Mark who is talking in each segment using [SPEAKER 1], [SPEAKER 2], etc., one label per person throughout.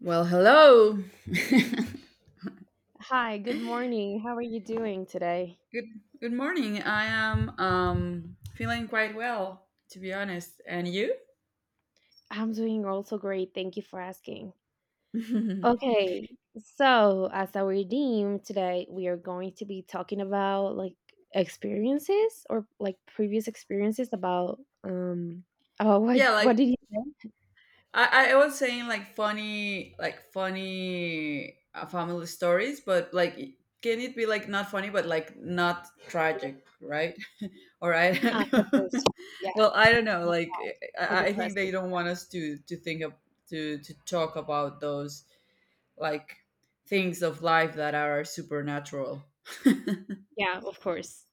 [SPEAKER 1] Well, hello.
[SPEAKER 2] Hi, good morning. How are you doing today?
[SPEAKER 1] good good morning. I am feeling quite well, to be honest. And you?
[SPEAKER 2] I'm doing also great. Thank you for asking. Okay, so as our theme today, we are going to be talking about like experiences or like previous experiences um about what
[SPEAKER 1] Yeah, like
[SPEAKER 2] what did you say?
[SPEAKER 1] I was saying like funny family stories, but like can it be like not funny but like not tragic, right? Or I
[SPEAKER 2] Ah,
[SPEAKER 1] don't
[SPEAKER 2] of
[SPEAKER 1] know.
[SPEAKER 2] course. Yeah,
[SPEAKER 1] Well, I don't know. Like I
[SPEAKER 2] for
[SPEAKER 1] I
[SPEAKER 2] the
[SPEAKER 1] I think they
[SPEAKER 2] present.
[SPEAKER 1] don't want us to think of to talk about those like things of life that are supernatural.
[SPEAKER 2] Yeah, of course.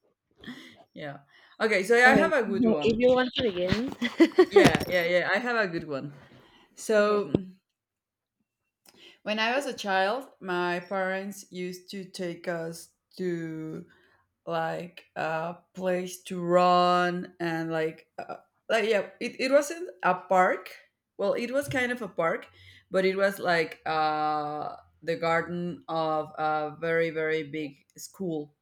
[SPEAKER 1] Yeah. Okay, so I
[SPEAKER 2] Okay,
[SPEAKER 1] have a good
[SPEAKER 2] well, if
[SPEAKER 1] one.
[SPEAKER 2] you want to begin.
[SPEAKER 1] Yeah, yeah, yeah. I have a good one. So
[SPEAKER 2] okay.
[SPEAKER 1] when I was a child, my parents used to take us to like a place to run and like yeah, it wasn't a park. Well, it was kind of a park, but it was like the garden of a very very big school,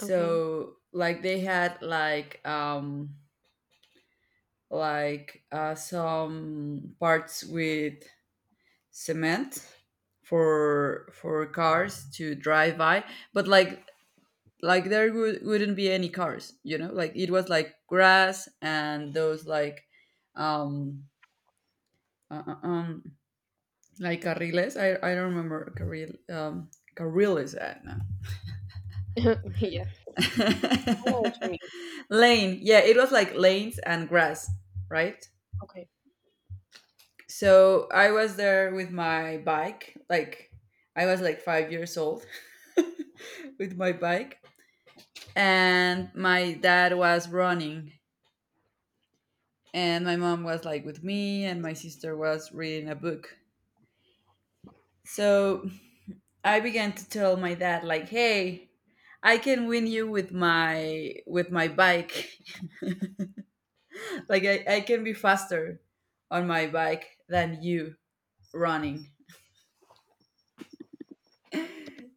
[SPEAKER 2] Okay.
[SPEAKER 1] like they had like some parts with cement for cars to drive by, but like there wouldn't be any cars, you know, like it was like grass and those um uh, uh, um like carriles, I don't remember carril carriles no.
[SPEAKER 2] yeah. I know what you mean.
[SPEAKER 1] Lane, yeah, it was like lanes and grass, right.
[SPEAKER 2] Okay.
[SPEAKER 1] So I was there with my bike, like I was like 5 years old, with my bike, and my dad was running, and my mom was like with me, and my sister was reading a book. So I began to tell my dad like, "Hey, I can win you with my bike. Like I can be faster on my bike than you running."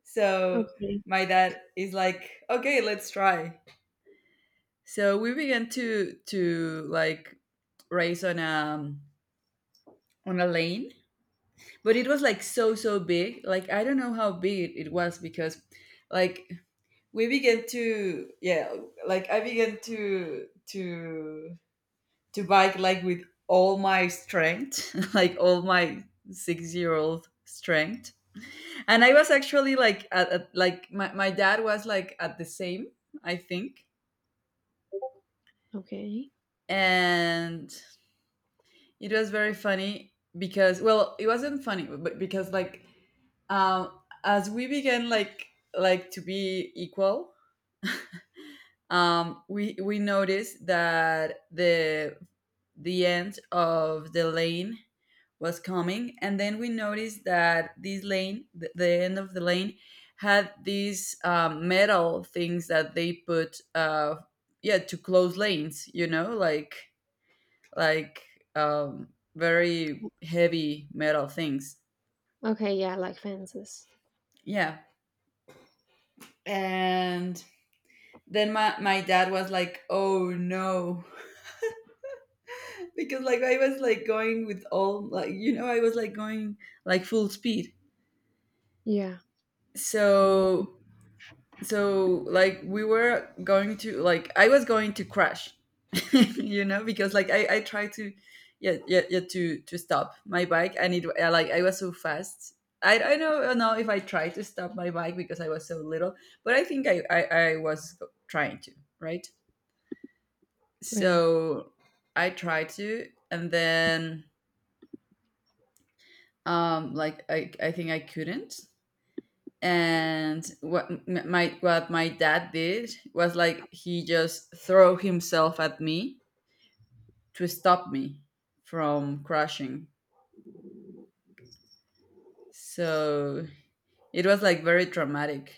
[SPEAKER 1] So
[SPEAKER 2] Okay.
[SPEAKER 1] my dad is like, "Okay, let's try." So we began to like race on a lane, but it was like so so big. Like I don't know how big it was, because like we began to yeah, like I began to to bike like with all my strength, like all my 6-year-old strength. And I was actually like at like my dad was like at the same, I think.
[SPEAKER 2] Okay.
[SPEAKER 1] And it was very funny because well, it wasn't funny, but because like um, as we began like to be equal, we noticed that the end of the lane was coming, and then we noticed that this lane, the end of the lane, had these metal things that they put, yeah, to close lanes. You know, like um, very heavy metal things.
[SPEAKER 2] Okay, yeah, like fences.
[SPEAKER 1] Yeah. And then my dad was like, oh no. Because like I was like going with all, like, you know, I was like going like full speed.
[SPEAKER 2] Yeah. Oh.
[SPEAKER 1] So so like we were going to like I was going to crash you know, because like I tried to yeah yeah, yeah to stop my bike, and it like I was so fast. I don't know if I tried to stop my bike because I was so little, but I think I was trying to right
[SPEAKER 2] Right.
[SPEAKER 1] so I tried to, and then like I think I couldn't. And what my dad did was like he just threw himself at me to stop me from crashing, so it was like very traumatic.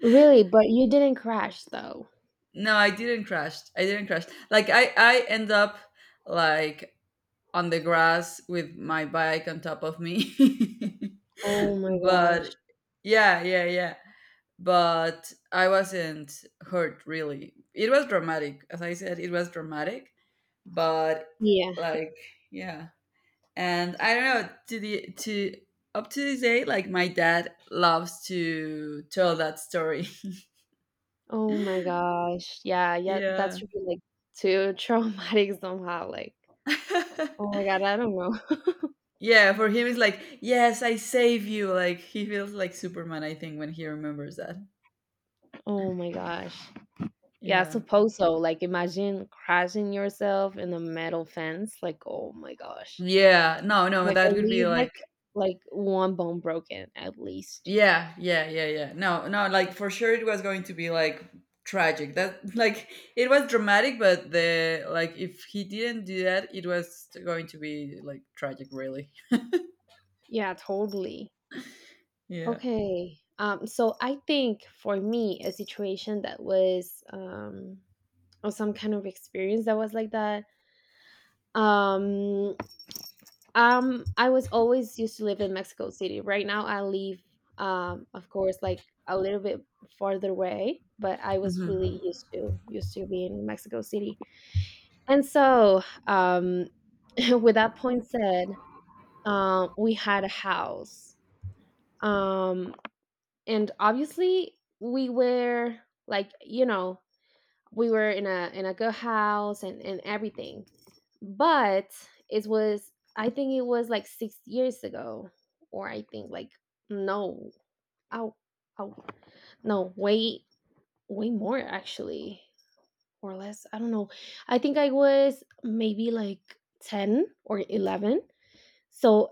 [SPEAKER 2] Really? But you didn't crash though?
[SPEAKER 1] No, I didn't crash, I didn't crash, like I end up like on the grass with my bike on top of me.
[SPEAKER 2] Oh my
[SPEAKER 1] But
[SPEAKER 2] gosh.
[SPEAKER 1] yeah yeah yeah, but I wasn't hurt really. It was dramatic, as I said, it was dramatic, but
[SPEAKER 2] Yeah.
[SPEAKER 1] like yeah. And I don't know to the to up to this day, like my dad loves to tell that story.
[SPEAKER 2] Oh my gosh. Yeah, yeah,
[SPEAKER 1] Yeah.
[SPEAKER 2] that's really, like, too traumatic somehow, like, oh my god, I don't know.
[SPEAKER 1] Yeah, for him it's like, yes, I save you. Like he feels like Superman, I think, when he remembers that.
[SPEAKER 2] Oh my gosh. Yeah, I
[SPEAKER 1] Yeah.
[SPEAKER 2] suppose so, like, imagine crashing yourself in a metal fence, like, oh my gosh.
[SPEAKER 1] Yeah. No, no,
[SPEAKER 2] Like,
[SPEAKER 1] that
[SPEAKER 2] at
[SPEAKER 1] would be
[SPEAKER 2] least,
[SPEAKER 1] like
[SPEAKER 2] like, 1 bone broken, at least.
[SPEAKER 1] yeah, yeah, yeah, yeah. No, no, like for sure it was going to be like tragic. That like it was dramatic, but the like if he didn't do that, it was going to be like tragic, really.
[SPEAKER 2] Yeah, totally.
[SPEAKER 1] Yeah.
[SPEAKER 2] Okay. So I think for me, a situation that was or some kind of experience that was like that. Um, I was always used to live in Mexico City. Right now, I live, of course, like a little bit farther away, but I was really
[SPEAKER 1] Hmm.
[SPEAKER 2] used to used to being in Mexico City. And so, um, with that point said, we had a house. Um, and obviously we were like you know we were in a good house and everything but it was I think it was like 6 years ago or I think like no oh oh no way way more actually or less I don't know I think I was maybe like 10 or 11. So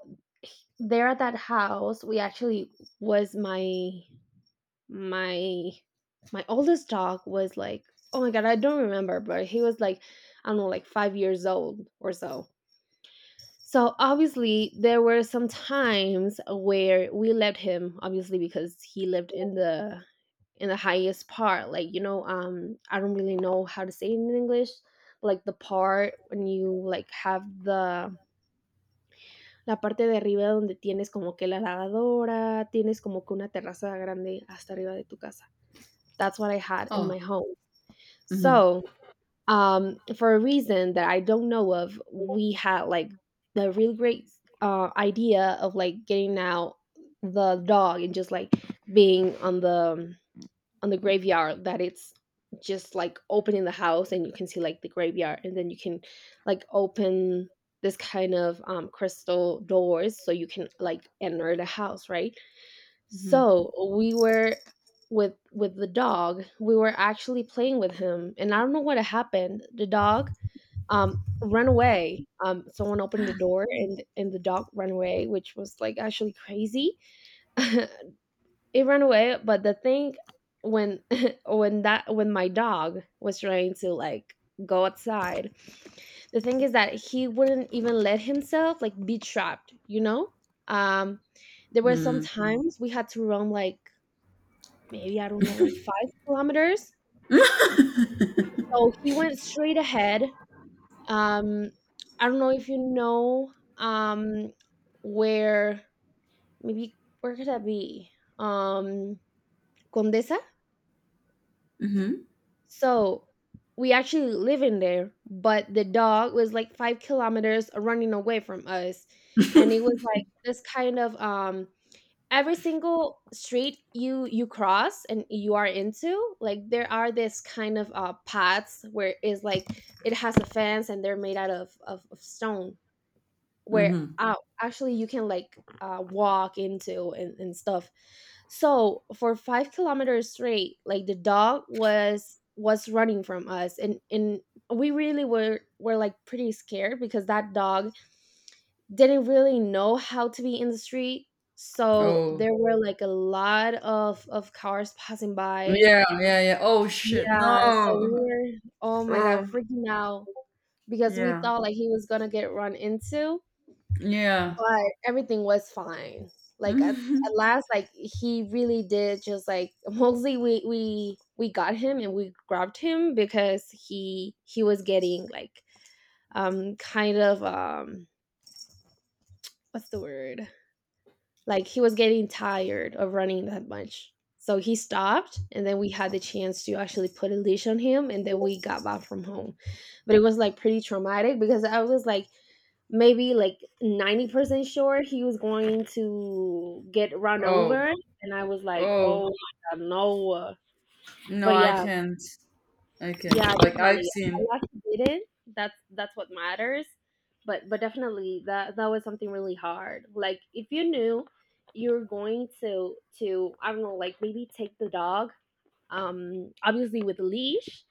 [SPEAKER 2] there at that house we actually was my my my oldest dog was like oh my god I don't remember but he was like I don't know like 5 years old or so. So obviously there were some times where we left him obviously because he lived in the highest part like you know I don't really know how to say it in English, like the part when you like have the la parte de arriba donde tienes como que la lavadora tienes como que una terraza grande hasta arriba de tu casa. That's what I had in
[SPEAKER 1] Oh.
[SPEAKER 2] my home.
[SPEAKER 1] Hmm.
[SPEAKER 2] So, for a reason that I don't know of, we had like the really great idea of like getting out the dog and just like being on the graveyard that it's just like opening the house and you can see like the graveyard and then you can like open this kind of crystal doors so you can like enter the house, right?
[SPEAKER 1] Hmm.
[SPEAKER 2] So we were with the dog. We were actually playing with him, and I don't know what happened. The dog um ran away. Someone opened the door, and the dog ran away, which was like actually crazy. it ran away, but the thing when when my dog was trying to like go outside, the thing is that he wouldn't even let himself like be trapped. You know, um, there were some
[SPEAKER 1] Mm.
[SPEAKER 2] Mm. times we had to run like maybe I don't know, like 5 kilometers. So he went straight ahead. Um, I don't know if you know where maybe where could that be? Um, Condesa.
[SPEAKER 1] Hmm.
[SPEAKER 2] So we actually live in there, but the dog was like 5 kilometers running away from us, and it was like this kind of every single street you cross and you are into like there are this kind of paths where it's like it has a fence and they're made out of stone where
[SPEAKER 1] Hmm.
[SPEAKER 2] uh, actually you can like walk into and stuff so for 5 kilometers straight like the dog was running from us and we really were like pretty scared because that dog didn't really know how to be in the street. So
[SPEAKER 1] Oh.
[SPEAKER 2] there were like a lot of cars passing by.
[SPEAKER 1] Yeah, yeah, yeah. Oh shit.
[SPEAKER 2] Yeah, so we
[SPEAKER 1] No.
[SPEAKER 2] were oh my god,
[SPEAKER 1] Oh.
[SPEAKER 2] freaking out because we
[SPEAKER 1] Yeah.
[SPEAKER 2] thought like he was gonna get run into,
[SPEAKER 1] Yeah.
[SPEAKER 2] but everything was fine. Like at
[SPEAKER 1] Mhm.
[SPEAKER 2] last, like he really did just like mostly we got him and we grabbed him because he was getting like kind of what's the word. Like he was getting tired of running that much. So he stopped and then we had the chance to actually put a leash on him and then we got back from home. But it was like pretty traumatic because I was like maybe like 90% sure he was going to get run
[SPEAKER 1] Oh.
[SPEAKER 2] over and I was like, "Oh
[SPEAKER 1] Oh.
[SPEAKER 2] my god, no."
[SPEAKER 1] No,
[SPEAKER 2] But
[SPEAKER 1] I
[SPEAKER 2] yeah,
[SPEAKER 1] can't. I can't.
[SPEAKER 2] yeah,
[SPEAKER 1] Like I've
[SPEAKER 2] definitely. I'm
[SPEAKER 1] seen.
[SPEAKER 2] glad you did it. That's what matters. But definitely that was something really hard. Like if you knew you're going to I don't know, like maybe take the dog, obviously with a leash,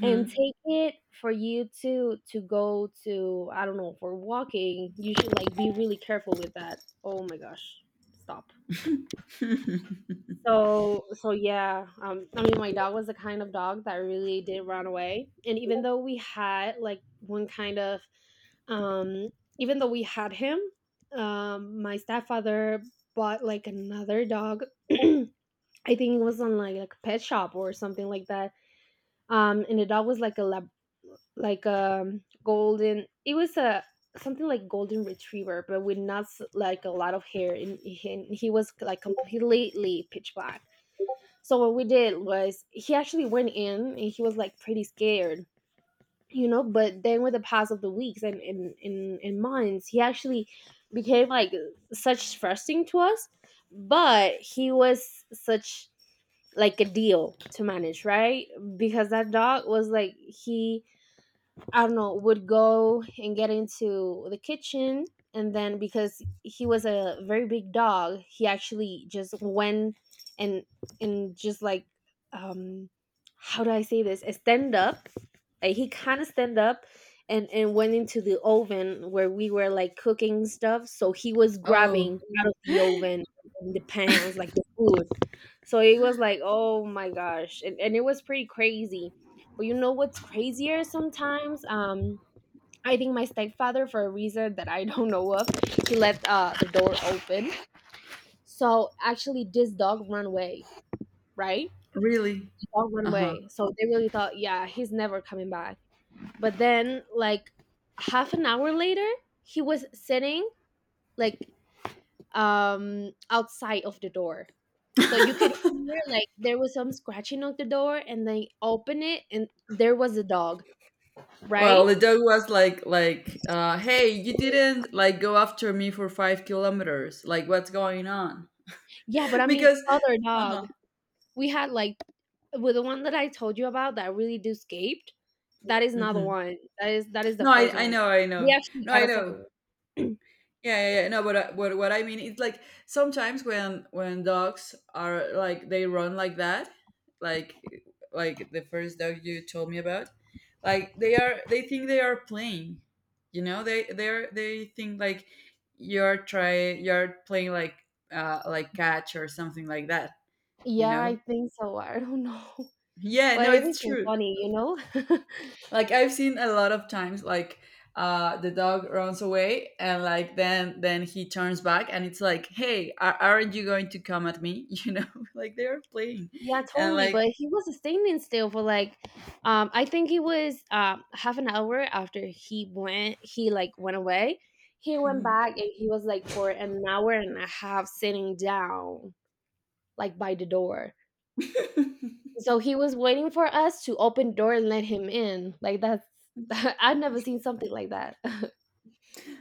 [SPEAKER 2] and take it for you to go to I don't know for walking. You should like be really careful with that. Oh my gosh, stop. So yeah, I mean my dog was the kind of dog that really did run away, and even though we had like one kind of um, even though we had him, my stepfather bought like another dog. I think it was on like a pet shop or something like that. And the dog was like a lab, like golden it was a something like golden retriever but with not like a lot of hair and he was like completely pitch black so what we did was he actually went in and he was like pretty scared, you know, but then with the pass of the weeks and in months, he actually became like such trusting to us, but he was such like a deal to manage, right? Because that dog was like he I don't know, would go and get into the kitchen. And then because he was a very big dog, he actually just went and and just like um how do I say this? Stand up. Like he kinda stand up and went into the oven where we were like cooking stuff. So he was
[SPEAKER 1] Oh,
[SPEAKER 2] grabbing out of the oven and the pans, like the food. So it was like, oh my gosh. And it was pretty crazy but you know what's crazier sometimes? I think my stepfather, for a reason that I don't know of, he left the door open. So actually, this dog ran away, right?
[SPEAKER 1] really?
[SPEAKER 2] The dog ran
[SPEAKER 1] Uh-huh.
[SPEAKER 2] away. So they really thought, yeah, he's never coming back. But then, like, half an hour later, he was sitting, like, outside of the door. So you could hear, like, there was some scratching of the door, and they open it, and there was a dog, right?
[SPEAKER 1] Well, the dog was like, hey, you didn't like go after me for 5 kilometers. Like, what's going on?
[SPEAKER 2] Yeah, but I mean
[SPEAKER 1] Because,
[SPEAKER 2] other
[SPEAKER 1] uh huh.
[SPEAKER 2] dog. We had like with the one that I told you about that really do escaped, that is not the
[SPEAKER 1] Hmm.
[SPEAKER 2] one. That is the
[SPEAKER 1] No,
[SPEAKER 2] first
[SPEAKER 1] I
[SPEAKER 2] one.
[SPEAKER 1] know, I
[SPEAKER 2] We
[SPEAKER 1] know.
[SPEAKER 2] actually
[SPEAKER 1] No,
[SPEAKER 2] got
[SPEAKER 1] I
[SPEAKER 2] a
[SPEAKER 1] know.
[SPEAKER 2] second one.
[SPEAKER 1] Yeah, yeah, yeah. No, but what I mean is like sometimes when dogs are like they run like that, like like the first dog you told me about, like they are they think they are playing, you know, they are they think like you're playing like catch or something like that, you
[SPEAKER 2] Yeah,
[SPEAKER 1] know.
[SPEAKER 2] I think so. I don't know.
[SPEAKER 1] Yeah,
[SPEAKER 2] But
[SPEAKER 1] no,
[SPEAKER 2] it
[SPEAKER 1] it's
[SPEAKER 2] isn't
[SPEAKER 1] true.
[SPEAKER 2] funny, you know?
[SPEAKER 1] Like I've seen a lot of times like the dog runs away, and like then he turns back and it's like hey aren't you going to come at me. You know, like they are playing
[SPEAKER 2] yeah,
[SPEAKER 1] and
[SPEAKER 2] totally. But
[SPEAKER 1] like
[SPEAKER 2] he was standing still for like I think it was half an hour after he went he like went away. He went back and he was like for an hour and a half sitting down like by the door. So he was waiting for us to open door and let him in. Like that's I've never seen something like that.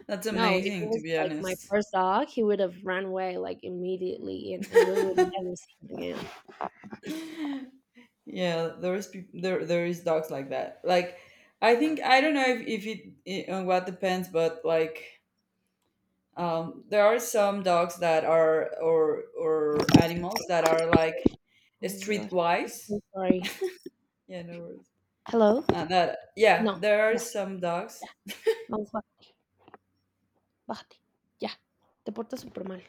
[SPEAKER 1] that's
[SPEAKER 2] no, if it
[SPEAKER 1] amazing, to
[SPEAKER 2] was
[SPEAKER 1] be
[SPEAKER 2] like my
[SPEAKER 1] honest.
[SPEAKER 2] first dog, he would have run away like immediately and we would never see him again.
[SPEAKER 1] Yeah, there is peop there there is dogs like that, like I think I don't know if it on what depends, but like there are some dogs that are or animals that are like
[SPEAKER 2] Oh my gosh. I'm
[SPEAKER 1] streetwise.
[SPEAKER 2] so sorry.
[SPEAKER 1] Yeah, no worries.
[SPEAKER 2] Hello?
[SPEAKER 1] That yeah,
[SPEAKER 2] No.
[SPEAKER 1] there are
[SPEAKER 2] Yeah,
[SPEAKER 1] some dogs.
[SPEAKER 2] yeah. Vamos, bá- bájate. Yeah. Te portas super mal.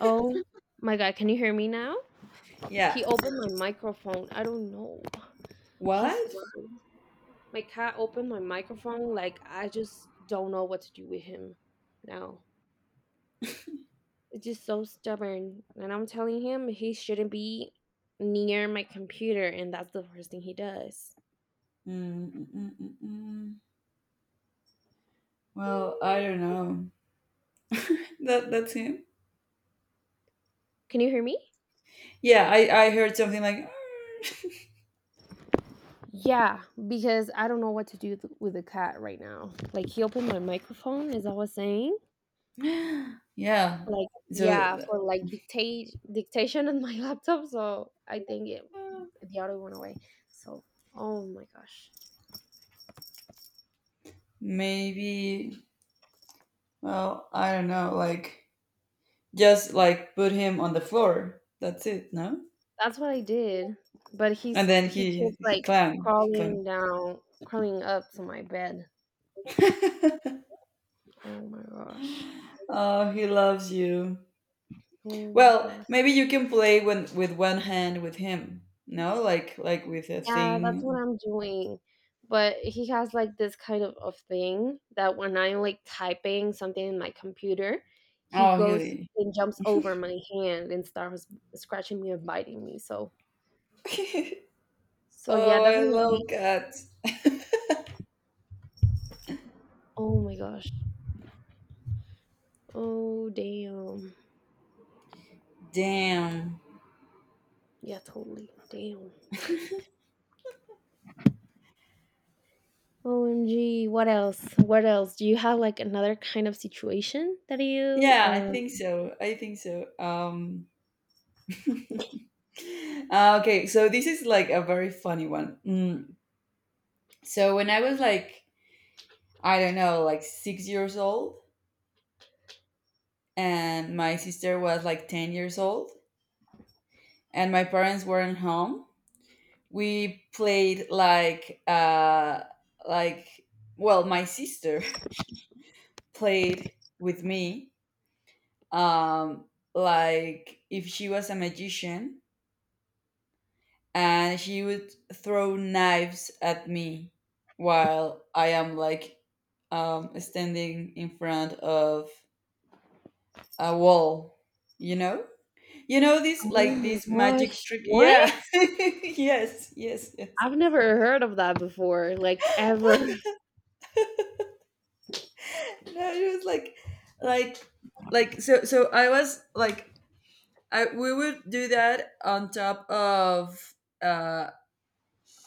[SPEAKER 2] Oh my god, can you hear me now?
[SPEAKER 1] Yeah.
[SPEAKER 2] He opened my microphone. I don't know. He's
[SPEAKER 1] What?
[SPEAKER 2] my cat opened my microphone. Like, I just don't know what to do with him now. It's just so stubborn. And I'm telling him he shouldn't be near my computer, and that's the first thing he does.
[SPEAKER 1] Mm, mm, mm, mm, mm. Well, I
[SPEAKER 2] Mm.
[SPEAKER 1] don't know. That that's him.
[SPEAKER 2] Can you hear me?
[SPEAKER 1] Yeah, I heard something like
[SPEAKER 2] Yeah, because I don't know what to do with the cat right now. Like, he opened my microphone, as I was saying.
[SPEAKER 1] "Ah." Yeah.
[SPEAKER 2] Like, yeah,
[SPEAKER 1] So
[SPEAKER 2] for like dictate dictation on my laptop. So I think it, the other went away. So, oh my gosh.
[SPEAKER 1] maybe well, I don't know, like just like put him on the floor. That's it, no?
[SPEAKER 2] That's what I did, but
[SPEAKER 1] And then
[SPEAKER 2] he keeps
[SPEAKER 1] he
[SPEAKER 2] like
[SPEAKER 1] climbed. He
[SPEAKER 2] crawling
[SPEAKER 1] climbed.
[SPEAKER 2] down, crawling up to my bed. Oh my gosh.
[SPEAKER 1] Oh, he loves you.
[SPEAKER 2] Oh my
[SPEAKER 1] Well,
[SPEAKER 2] gosh.
[SPEAKER 1] maybe you can play when, with one hand with him. No, like with a
[SPEAKER 2] Yeah, that's what
[SPEAKER 1] thing.
[SPEAKER 2] I'm doing. But he has like this kind of thing that when I'm like typing something in my computer, he
[SPEAKER 1] Oh,
[SPEAKER 2] goes
[SPEAKER 1] he.
[SPEAKER 2] and jumps over my hand and starts scratching me and biting me. So, so yeah,
[SPEAKER 1] Oh, I
[SPEAKER 2] definitely.
[SPEAKER 1] love cats.
[SPEAKER 2] Oh my gosh. Oh damn.
[SPEAKER 1] Damn.
[SPEAKER 2] Yeah, totally. Damn. OMG, what else? What else? Do you have like another kind of situation that you
[SPEAKER 1] Yeah, I think so. I think so. Okay, so this is like a very funny one. Mm. So when I was like, I don't know, like 6 years old, and my sister was like 10 years old, and my parents weren't home, we played like well my sister played with me um like if she was a magician, and she would throw knives at me while I am like standing in front of a wall. You know, you know this
[SPEAKER 2] Oh
[SPEAKER 1] like
[SPEAKER 2] my
[SPEAKER 1] this magic
[SPEAKER 2] gosh.
[SPEAKER 1] trick, yeah.
[SPEAKER 2] What?
[SPEAKER 1] Yes yes yes.
[SPEAKER 2] I've never heard of that before, like ever.
[SPEAKER 1] No, it was like, like. So, so I was like, I we would do that uh,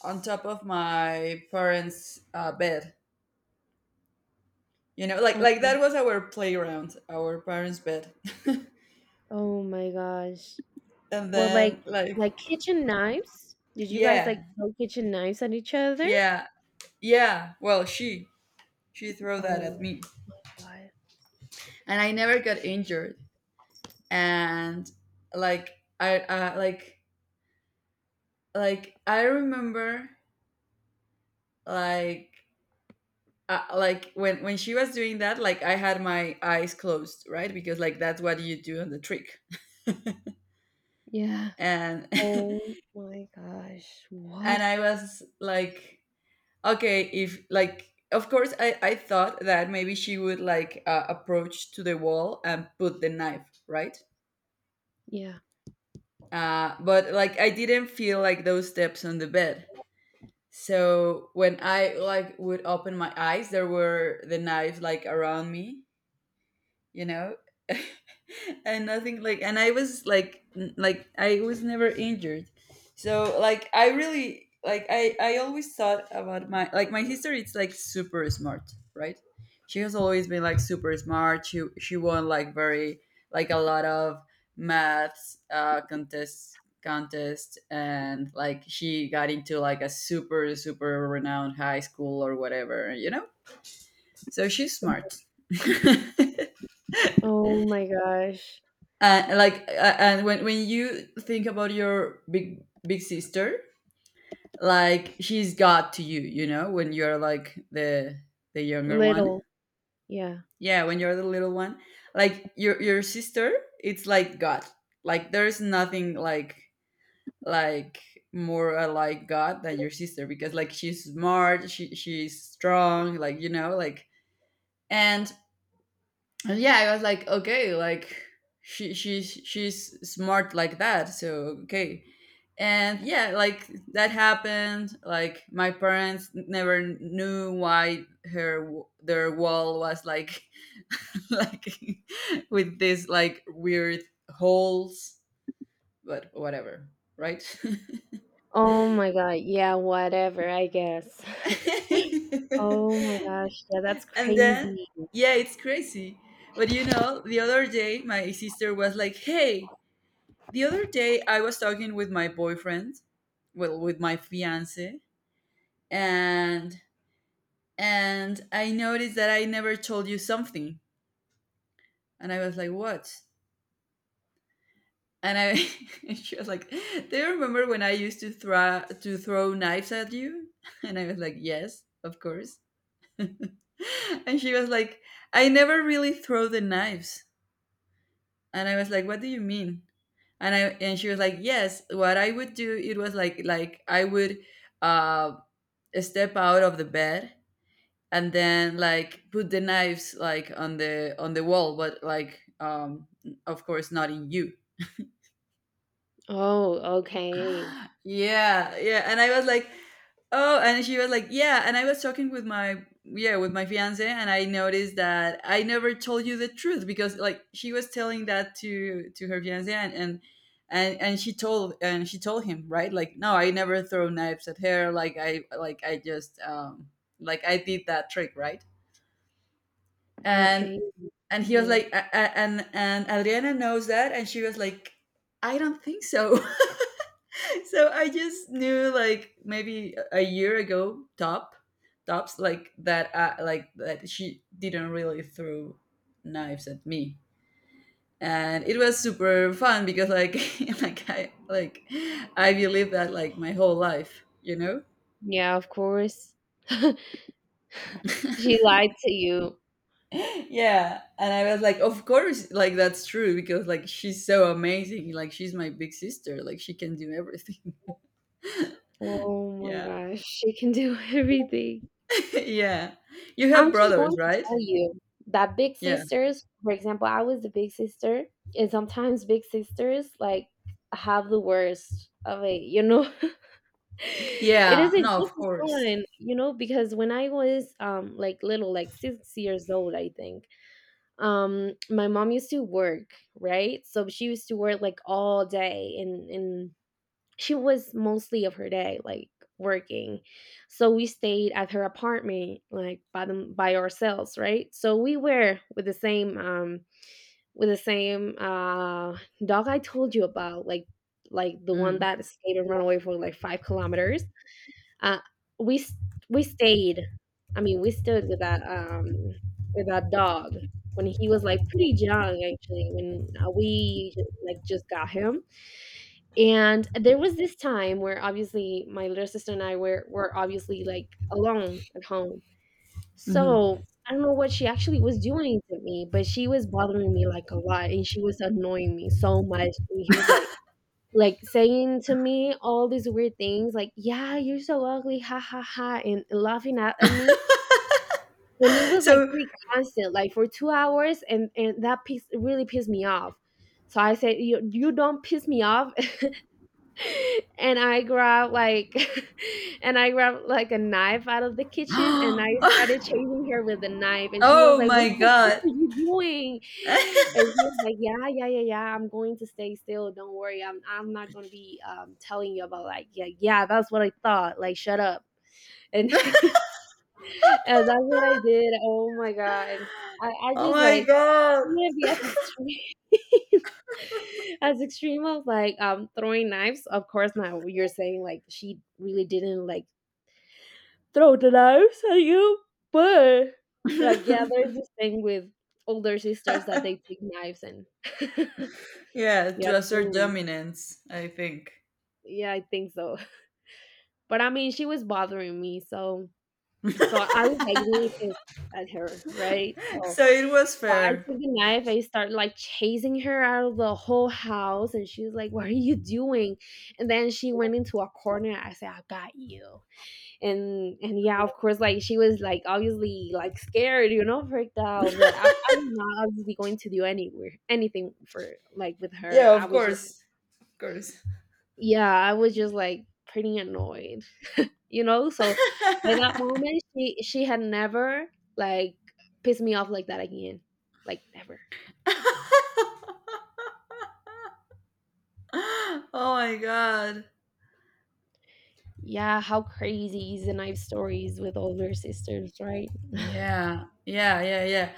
[SPEAKER 1] on top of my parents' bed. You know, like
[SPEAKER 2] Okay.
[SPEAKER 1] that was our playground, our parents' bed.
[SPEAKER 2] Oh my gosh.
[SPEAKER 1] And
[SPEAKER 2] Well, like
[SPEAKER 1] then, like,
[SPEAKER 2] kitchen knives? Did you guys like
[SPEAKER 1] yeah,
[SPEAKER 2] throw kitchen knives at each other?
[SPEAKER 1] yeah, yeah. Well, she threw that at
[SPEAKER 2] Oh
[SPEAKER 1] me,
[SPEAKER 2] my god.
[SPEAKER 1] and I never got injured. And like, I, uh, like, like I remember, like like when she was doing that, like I had my eyes closed, right, because like that's what you do on the trick.
[SPEAKER 2] Yeah.
[SPEAKER 1] And
[SPEAKER 2] Oh my gosh. What
[SPEAKER 1] and I was like okay if like of course I thought that maybe she would like approach to the wall and put the knife, right.
[SPEAKER 2] Yeah.
[SPEAKER 1] But like I didn't feel like those steps on the bed, so when I like would open my eyes there were the knives like around me, you know. And nothing like. And I was like like I was never injured, so like I really like I always thought about my like my history it's like super smart, right. She has always been like super smart. She won like very like a lot of maths contests, and like she got into like a super super renowned high school or whatever, you know. So she's smart.
[SPEAKER 2] Oh my gosh.
[SPEAKER 1] Like and when you think about your big big sister, like she's got to you, you know, when you're like the younger
[SPEAKER 2] Little.
[SPEAKER 1] one,
[SPEAKER 2] Yeah.
[SPEAKER 1] yeah, when you're the little one, like your sister, it's like god, like there's nothing like like more like god than your sister, because like she's smart, she's strong, like you know, like. and And yeah, I was like, okay, like she's smart like that, so okay. And yeah, like that happened. Like my parents never knew why her their wall was like like with this like weird holes, but whatever, right?
[SPEAKER 2] Oh my god. Yeah, whatever, I guess. Oh my gosh. Yeah, that's
[SPEAKER 1] And then
[SPEAKER 2] crazy.
[SPEAKER 1] yeah, it's crazy. But you know, the other day my sister was like, "Hey," the other day, I was talking with my boyfriend, well, with my fiance, and and I noticed that I never told you something, and I was like, "What?" And I, and she was like, "Do you remember when I used to throw knives at you?" And I was like, "Yes, of course." And she was like, "I never really throw the knives." And I was like, "What do you mean?" And she was like, "Yes, what I would do, it was like I would uh step out of the bed and then like put the knives like on the wall, but like of course not in you."
[SPEAKER 2] Oh, okay.
[SPEAKER 1] Yeah, yeah, and I was like, oh. And she was like, yeah, and I was talking with my, yeah, with my fiance, and I noticed that I never told you the truth, because like she was telling that to her fiance. And she told, and she told him, right, like, "No, I never throw knives at her. Like I, like I just like I did that trick," right? and
[SPEAKER 2] Okay.
[SPEAKER 1] and he was
[SPEAKER 2] Yeah.
[SPEAKER 1] like, and Adriana knows that. And she was like, "I don't think so." So I just knew like maybe a year ago, tops, like that, like that she didn't really throw knives at me. And it was super fun, because like like I like, I believe that like my whole life, you know.
[SPEAKER 2] Yeah, of course. She lied to you.
[SPEAKER 1] Yeah, and I was like, of course, like that's true, because like she's so amazing. Like she's my big sister, like she can do everything.
[SPEAKER 2] Oh my
[SPEAKER 1] Yeah.
[SPEAKER 2] gosh. She can do everything.
[SPEAKER 1] Yeah, you
[SPEAKER 2] I'm
[SPEAKER 1] have
[SPEAKER 2] just
[SPEAKER 1] brothers,
[SPEAKER 2] going to
[SPEAKER 1] right?
[SPEAKER 2] tell you that big
[SPEAKER 1] Yeah,
[SPEAKER 2] sisters, for example, I was the big sister, and sometimes big sisters like have the worst of it, you know? It
[SPEAKER 1] yeah,
[SPEAKER 2] isn't
[SPEAKER 1] no, of
[SPEAKER 2] just as
[SPEAKER 1] course.
[SPEAKER 2] fun, you know, because when I was like little, like 6 years old, I think, my mom used to work, right? So she used to work like all day and she was mostly of her day like working. So we stayed at her apartment like by them by ourselves, right? So we were with the same dog I told you about, like the one
[SPEAKER 1] Mm.
[SPEAKER 2] that escaped and ran away for like 5 kilometers. Uh, we s- we stayed. I mean, we stood with that dog when he was like pretty young actually when we like just got him. And there was this time where obviously my little sister and I were obviously like alone at home,
[SPEAKER 1] hmm
[SPEAKER 2] so I don't know what she actually was doing to me, but she was bothering me like a lot and she was annoying me so much, and he was like saying to me all these weird things like, yeah, you're so ugly, ha ha ha, and laughing at me. And it was like
[SPEAKER 1] so.
[SPEAKER 2] pretty constant like for 2 hours, and that piece really pissed me off. So I said, you, don't piss me off. And I grabbed like and I grabbed like a knife out of the kitchen, and I
[SPEAKER 1] Oh
[SPEAKER 2] started chasing her with the knife, and she was like, "What
[SPEAKER 1] my
[SPEAKER 2] the fuck are
[SPEAKER 1] god.
[SPEAKER 2] you doing?" And she was like, "Yeah, yeah, yeah, yeah. I'm going to stay still. Don't worry. I'm not gonna be telling you about like, yeah, yeah, that's what I thought. Like, shut up." And yeah, that's what I did. Oh my god. I
[SPEAKER 1] Oh
[SPEAKER 2] just
[SPEAKER 1] my
[SPEAKER 2] like I'm
[SPEAKER 1] god.
[SPEAKER 2] gonna be as extreme as extreme of like throwing knives. Of course now you're saying like she really didn't like throw the knives at you, but like yeah, there's this thing with older sisters that they take knives and
[SPEAKER 1] Yeah,
[SPEAKER 2] yeah,
[SPEAKER 1] to assert
[SPEAKER 2] totally.
[SPEAKER 1] dominance, I think.
[SPEAKER 2] Yeah, I think so. But I mean she was bothering me, so so I was like really pissed at her, right? So
[SPEAKER 1] So it was
[SPEAKER 2] I
[SPEAKER 1] fair.
[SPEAKER 2] took the knife. I started like chasing her out of the whole house, and she was like, "What are you doing?" And then she went into a corner. I said, "I got you." And yeah, of course, like she was like obviously like scared, you know, freaked out. But I was not obviously going to do anywhere anything for like with her.
[SPEAKER 1] Yeah,
[SPEAKER 2] I
[SPEAKER 1] of
[SPEAKER 2] was just
[SPEAKER 1] course. Of course.
[SPEAKER 2] yeah, I was just like pretty annoyed, you know. So by that moment, she had never like pissed me off like that again, like never.
[SPEAKER 1] Oh my god.
[SPEAKER 2] Yeah, how crazy is the knife stories with older sisters, right?
[SPEAKER 1] Yeah, yeah, yeah, yeah.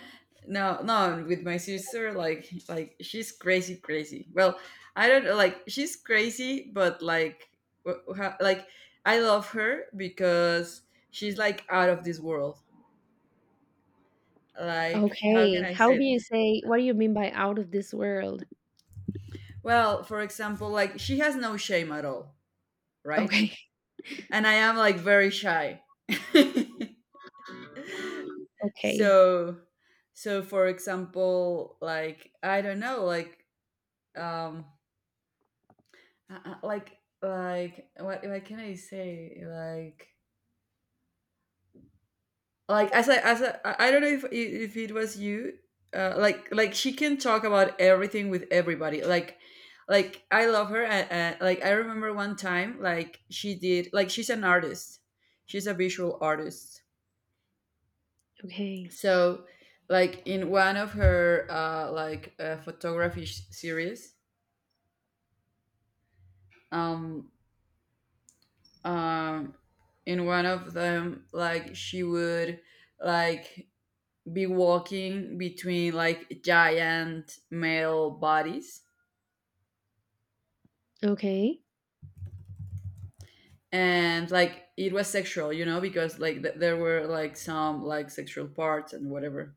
[SPEAKER 1] No, no, with my sister, like she's crazy, crazy. Well, I don't know, like she's crazy, but like like I love her, because she's like out of this world. Like, how can
[SPEAKER 2] Okay.
[SPEAKER 1] I
[SPEAKER 2] How
[SPEAKER 1] say
[SPEAKER 2] do
[SPEAKER 1] it?
[SPEAKER 2] you say, what do you mean by out of this world?
[SPEAKER 1] Well, for example, like she has no shame at all, right?
[SPEAKER 2] Okay.
[SPEAKER 1] And I am like very shy.
[SPEAKER 2] Okay.
[SPEAKER 1] So, so for example, like I don't know, like um like what can I say? Like as I as I don't know if it was you, like she can talk about everything with everybody. Like I love her, and like I remember one time like she did, like she's an artist, she's a visual artist.
[SPEAKER 2] Okay.
[SPEAKER 1] So like in one of her like photography series, um um in one of them, like she would, like be walking between like giant male bodies.
[SPEAKER 2] Okay.
[SPEAKER 1] And like it was sexual, you know, because like there were like some like sexual parts and whatever,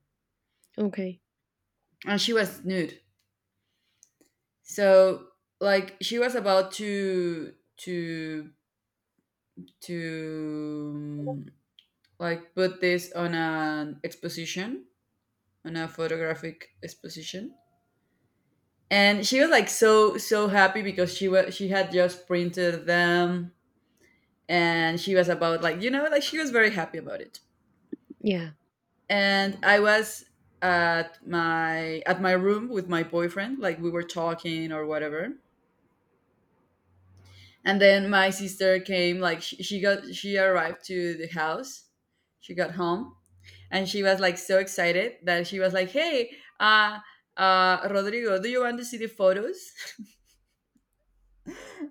[SPEAKER 2] Okay.
[SPEAKER 1] and she was nude. So like she was about to like put this on an exposition, on a photographic exposition. And she was like so, so happy, because she was, she had just printed them, and she was about, like, you know, like she was very happy about it.
[SPEAKER 2] Yeah.
[SPEAKER 1] And I was at my, at my room with my boyfriend, like we were talking or whatever. And then my sister came, like she got, she arrived to the house, she got home. And she was like so excited that she was like, "Hey, uh Rodrigo, do you want to see the photos?"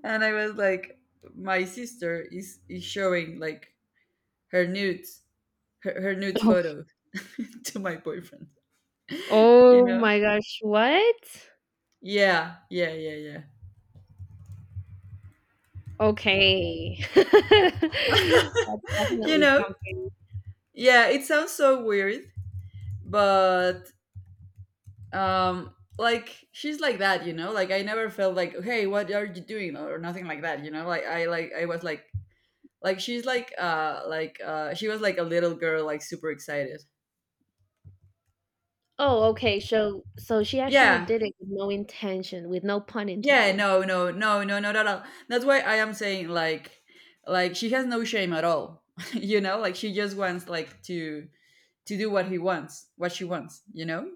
[SPEAKER 1] And I was like, my sister is showing like her nudes, her, her nudes photos to my boyfriend. You
[SPEAKER 2] Oh, oh
[SPEAKER 1] know?
[SPEAKER 2] my gosh. What?
[SPEAKER 1] Yeah, yeah, yeah, yeah.
[SPEAKER 2] Okay. That's
[SPEAKER 1] You
[SPEAKER 2] definitely
[SPEAKER 1] know?
[SPEAKER 2] something.
[SPEAKER 1] Yeah, it sounds so weird, but like she's like that, you know? Like I never felt like, "Hey, what are you doing?" or nothing like that, you know? Like I, like I was like she's like she was like a little girl, like super excited.
[SPEAKER 2] Oh, okay, so so she actually
[SPEAKER 1] Yeah,
[SPEAKER 2] did it with no intention, with no pun
[SPEAKER 1] yeah,
[SPEAKER 2] intended.
[SPEAKER 1] no, no, no, no, not at all. That's why I am saying like she has no shame at all. You know, like she just wants like to do what he wants, what she wants, you know?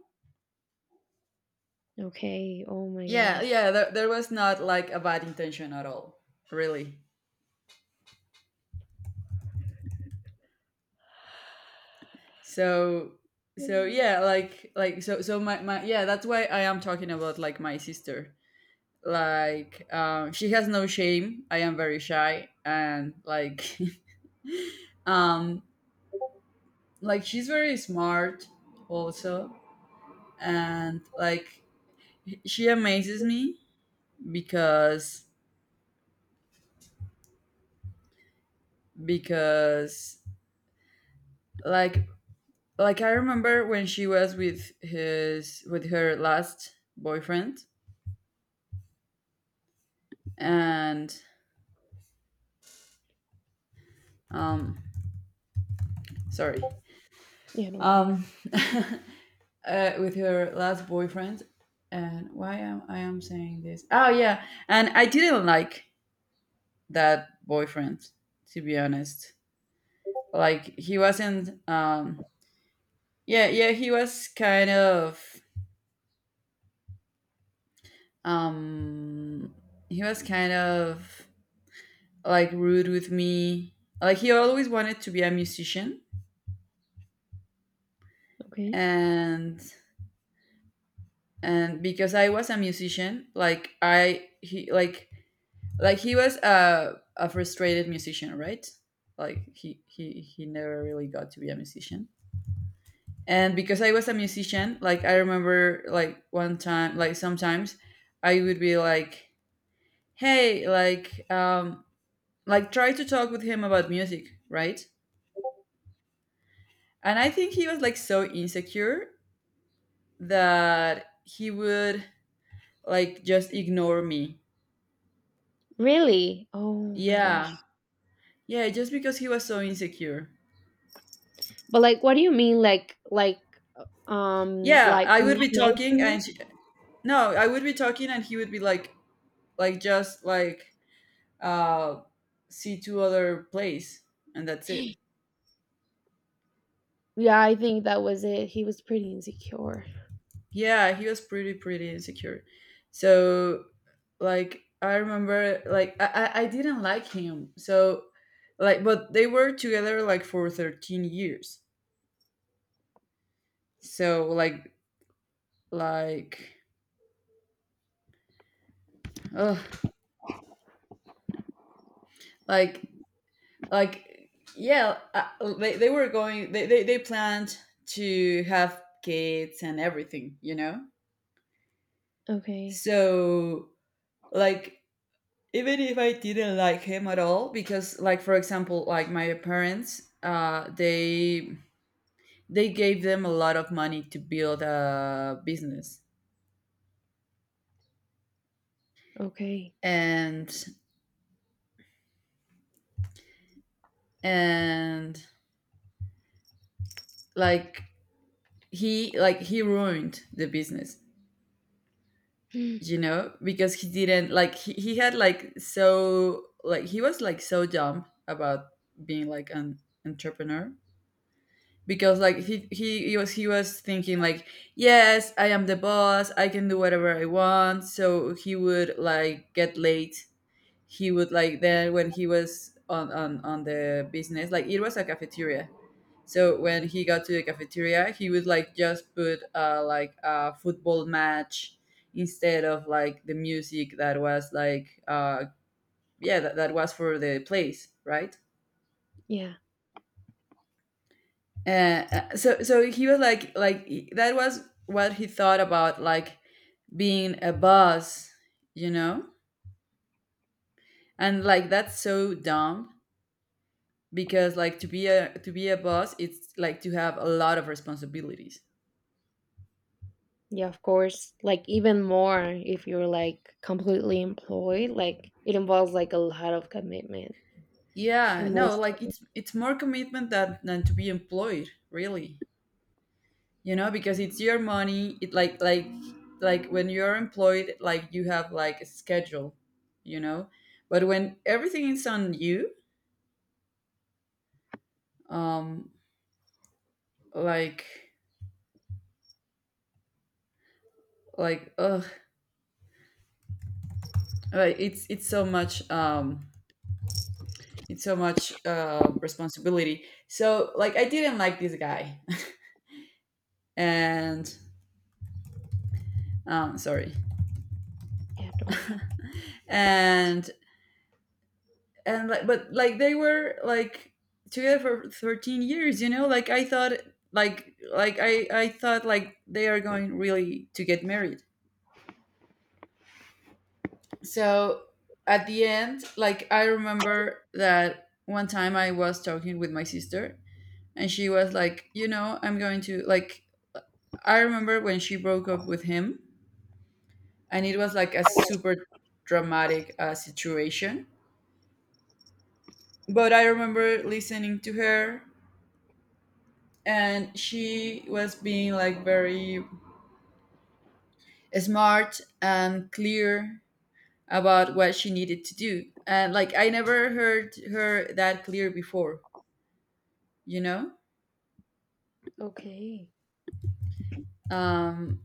[SPEAKER 2] Okay, oh my
[SPEAKER 1] Yeah,
[SPEAKER 2] gosh.
[SPEAKER 1] yeah, there was not like a bad intention at all, really. So, so
[SPEAKER 2] Mm.
[SPEAKER 1] yeah, like, so so my, yeah, that's why I am talking about like my sister. Like, she has no shame. I am very shy, and like um like she's very smart also. And like, she amazes me because because like like I remember when she was with his, with her last boyfriend. And um sorry.
[SPEAKER 2] Yeah, don't worry.
[SPEAKER 1] um uh, with her last boyfriend. And why am I am saying this? Oh yeah. And I didn't like that boyfriend, to be honest. Like he wasn't yeah, yeah, he was kind of um he was kind of like rude with me. Like he always wanted to be a musician,
[SPEAKER 2] Okay.
[SPEAKER 1] and and because I was a musician, like I, he like he was a frustrated musician, right? Like he he never really got to be a musician. And because I was a musician, like I remember like one time, like sometimes I would be like, "Hey, like try to talk with him about music," right? And I think he was like so insecure that he would like just ignore me.
[SPEAKER 2] Really? Oh my gosh.
[SPEAKER 1] Yeah. Yeah, just because he was so insecure.
[SPEAKER 2] But like what do you mean like uh,
[SPEAKER 1] Yeah,
[SPEAKER 2] like
[SPEAKER 1] I would
[SPEAKER 2] not
[SPEAKER 1] be
[SPEAKER 2] nice
[SPEAKER 1] talking
[SPEAKER 2] in you?
[SPEAKER 1] and she, no, I would be talking and he would be like just like uh see to other place, and that's it.
[SPEAKER 2] Yeah, I think that was it. He was pretty insecure.
[SPEAKER 1] Yeah, he was pretty insecure. So like I remember like I didn't like him. So like, but they were together like for 13 years. So like, ugh, like like yeah, I, they were going, they planned to have kids and everything, you know?
[SPEAKER 2] Okay,
[SPEAKER 1] So like, even if I didn't like him at all, because like, for example, like my parents, they gave them a lot of money to build a business,
[SPEAKER 2] okay.
[SPEAKER 1] and and like he, like he ruined the business,
[SPEAKER 2] Mm.
[SPEAKER 1] you know, because he didn't like he had like so, like he was like so dumb about being like an entrepreneur, because like he, he was, he was thinking like, "Yes, I am the boss, I can do whatever I want." So he would like get late, he would like then, when he was on on the business, like it was a cafeteria. So when he got to the cafeteria, he would like just put like a football match instead of like the music that was like yeah, that, that was for the place, right?
[SPEAKER 2] Yeah,
[SPEAKER 1] So so he was like, that was what he thought about like being a boss, you know? And like that's so dumb, because like to be a, to be a boss, it's like to have a lot of responsibilities.
[SPEAKER 2] yeah, of course. Like even more if you're like completely employed, like it involves like a lot of commitment
[SPEAKER 1] Yeah,
[SPEAKER 2] and more
[SPEAKER 1] no, like
[SPEAKER 2] stuff.
[SPEAKER 1] it's more commitment than to be employed, really. You know, because it's your money. It like when you're employed, like you have like a schedule, you know. But when everything is on you, um like like ugh, like it's, it's so much responsibility. So like I didn't like this guy. And sorry.
[SPEAKER 2] Yeah, don't worry.
[SPEAKER 1] and and like, but like they were like together for 13 years, you know. Like I thought, like I thought like they are going really to get married. So, at the end, like I remember that one time I was talking with my sister, and she was like, "You know, I'm going to like," I remember when she broke up with him. And it was like a super dramatic situation. But I remember listening to her, and she was being like very smart and clear about what she needed to do. And like I never heard her that clear before, you know?
[SPEAKER 2] Okay,
[SPEAKER 1] um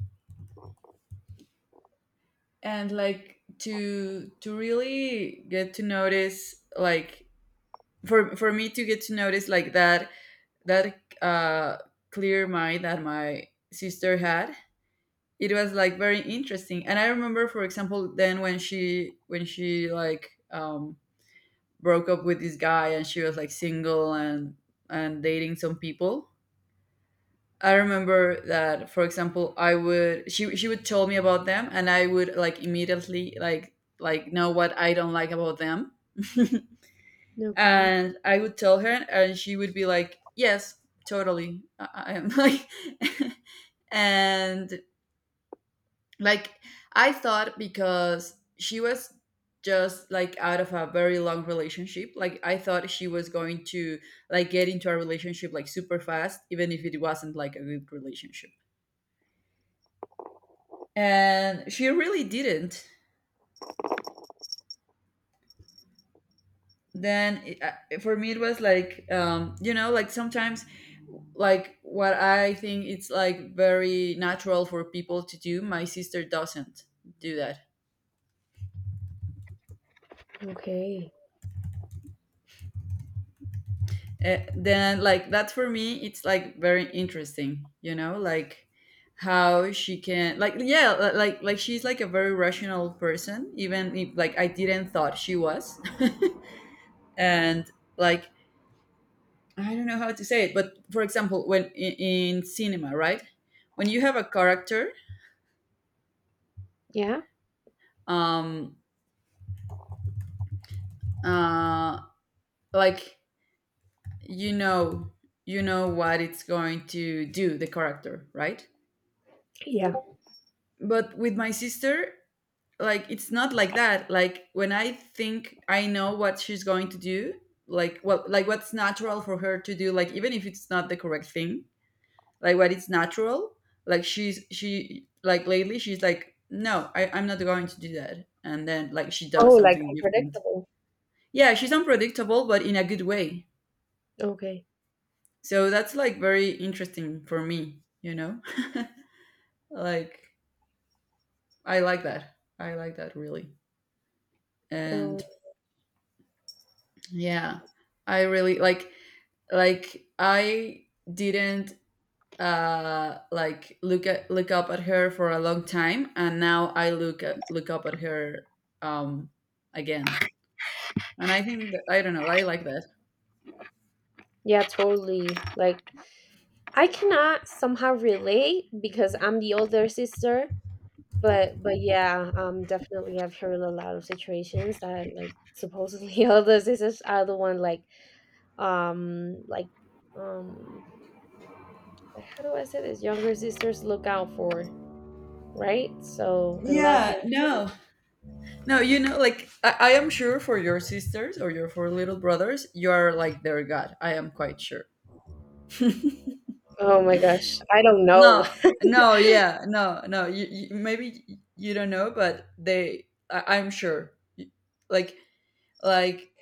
[SPEAKER 1] and like, to really get to notice like, for me to get to notice like that, that clear mind that my sister had. It was like very interesting. And I remember, for example, then when she, when she like broke up with this guy and she was like single and dating some people. I remember that, for example, I would, she would tell me about them, and I would like immediately like know what I don't like about them.
[SPEAKER 2] okay,
[SPEAKER 1] And I would tell her, and she would be like, "Yes, totally." I- am Like, and like I thought, because she was just like out of a very long relationship, like I thought she was going to like get into a relationship like super fast, even if it wasn't like a good relationship. And she really didn't. Then it, for me it was like like sometimes like what I think it's like very natural for people to do. My sister doesn't do that.
[SPEAKER 2] okay.
[SPEAKER 1] Then like that for me it's like very interesting, you know, like how she can, like, yeah, like she's like a very rational person, even if like I didn't thought she was. And like I don't know how to say it, but for example, when in cinema, right, when you have a character,
[SPEAKER 2] Yeah,
[SPEAKER 1] um uh like, you know you know what it's going to do, the character, right?
[SPEAKER 2] yeah.
[SPEAKER 1] But with my sister, like, it's not like that. Like when I think I know what she's going to do, like what, like what's natural for her to do, like even if it's not the correct thing, like what is natural, like she, like, lately she's like, "No, I'm not going to do that," and then like she
[SPEAKER 2] Oh,
[SPEAKER 1] does
[SPEAKER 2] like
[SPEAKER 1] something different.
[SPEAKER 2] unpredictable.
[SPEAKER 1] Yeah, she's unpredictable, but in a good way.
[SPEAKER 2] Okay.
[SPEAKER 1] So that's like very interesting for me, you know? Like, I like that. I like that, really.
[SPEAKER 2] Um,
[SPEAKER 1] And yeah, I really like I didn't, like, look up at her for a long time, and now I look up at her um again. And I think that, I don't know, I like that.
[SPEAKER 2] yeah, totally. Like I cannot somehow relate because I'm the older sister, but yeah, definitely I've heard a lot of situations that like supposedly older sisters are the one like um how do I say this? Younger sisters look out for, right? So and look
[SPEAKER 1] Yeah,
[SPEAKER 2] and
[SPEAKER 1] no. No, you know, like, I am sure for your sisters or your four little brothers, you are like their god. I am quite sure.
[SPEAKER 2] oh my gosh, I don't know.
[SPEAKER 1] No, no, yeah, no, no. You maybe you don't know, but I'm sure. Like, like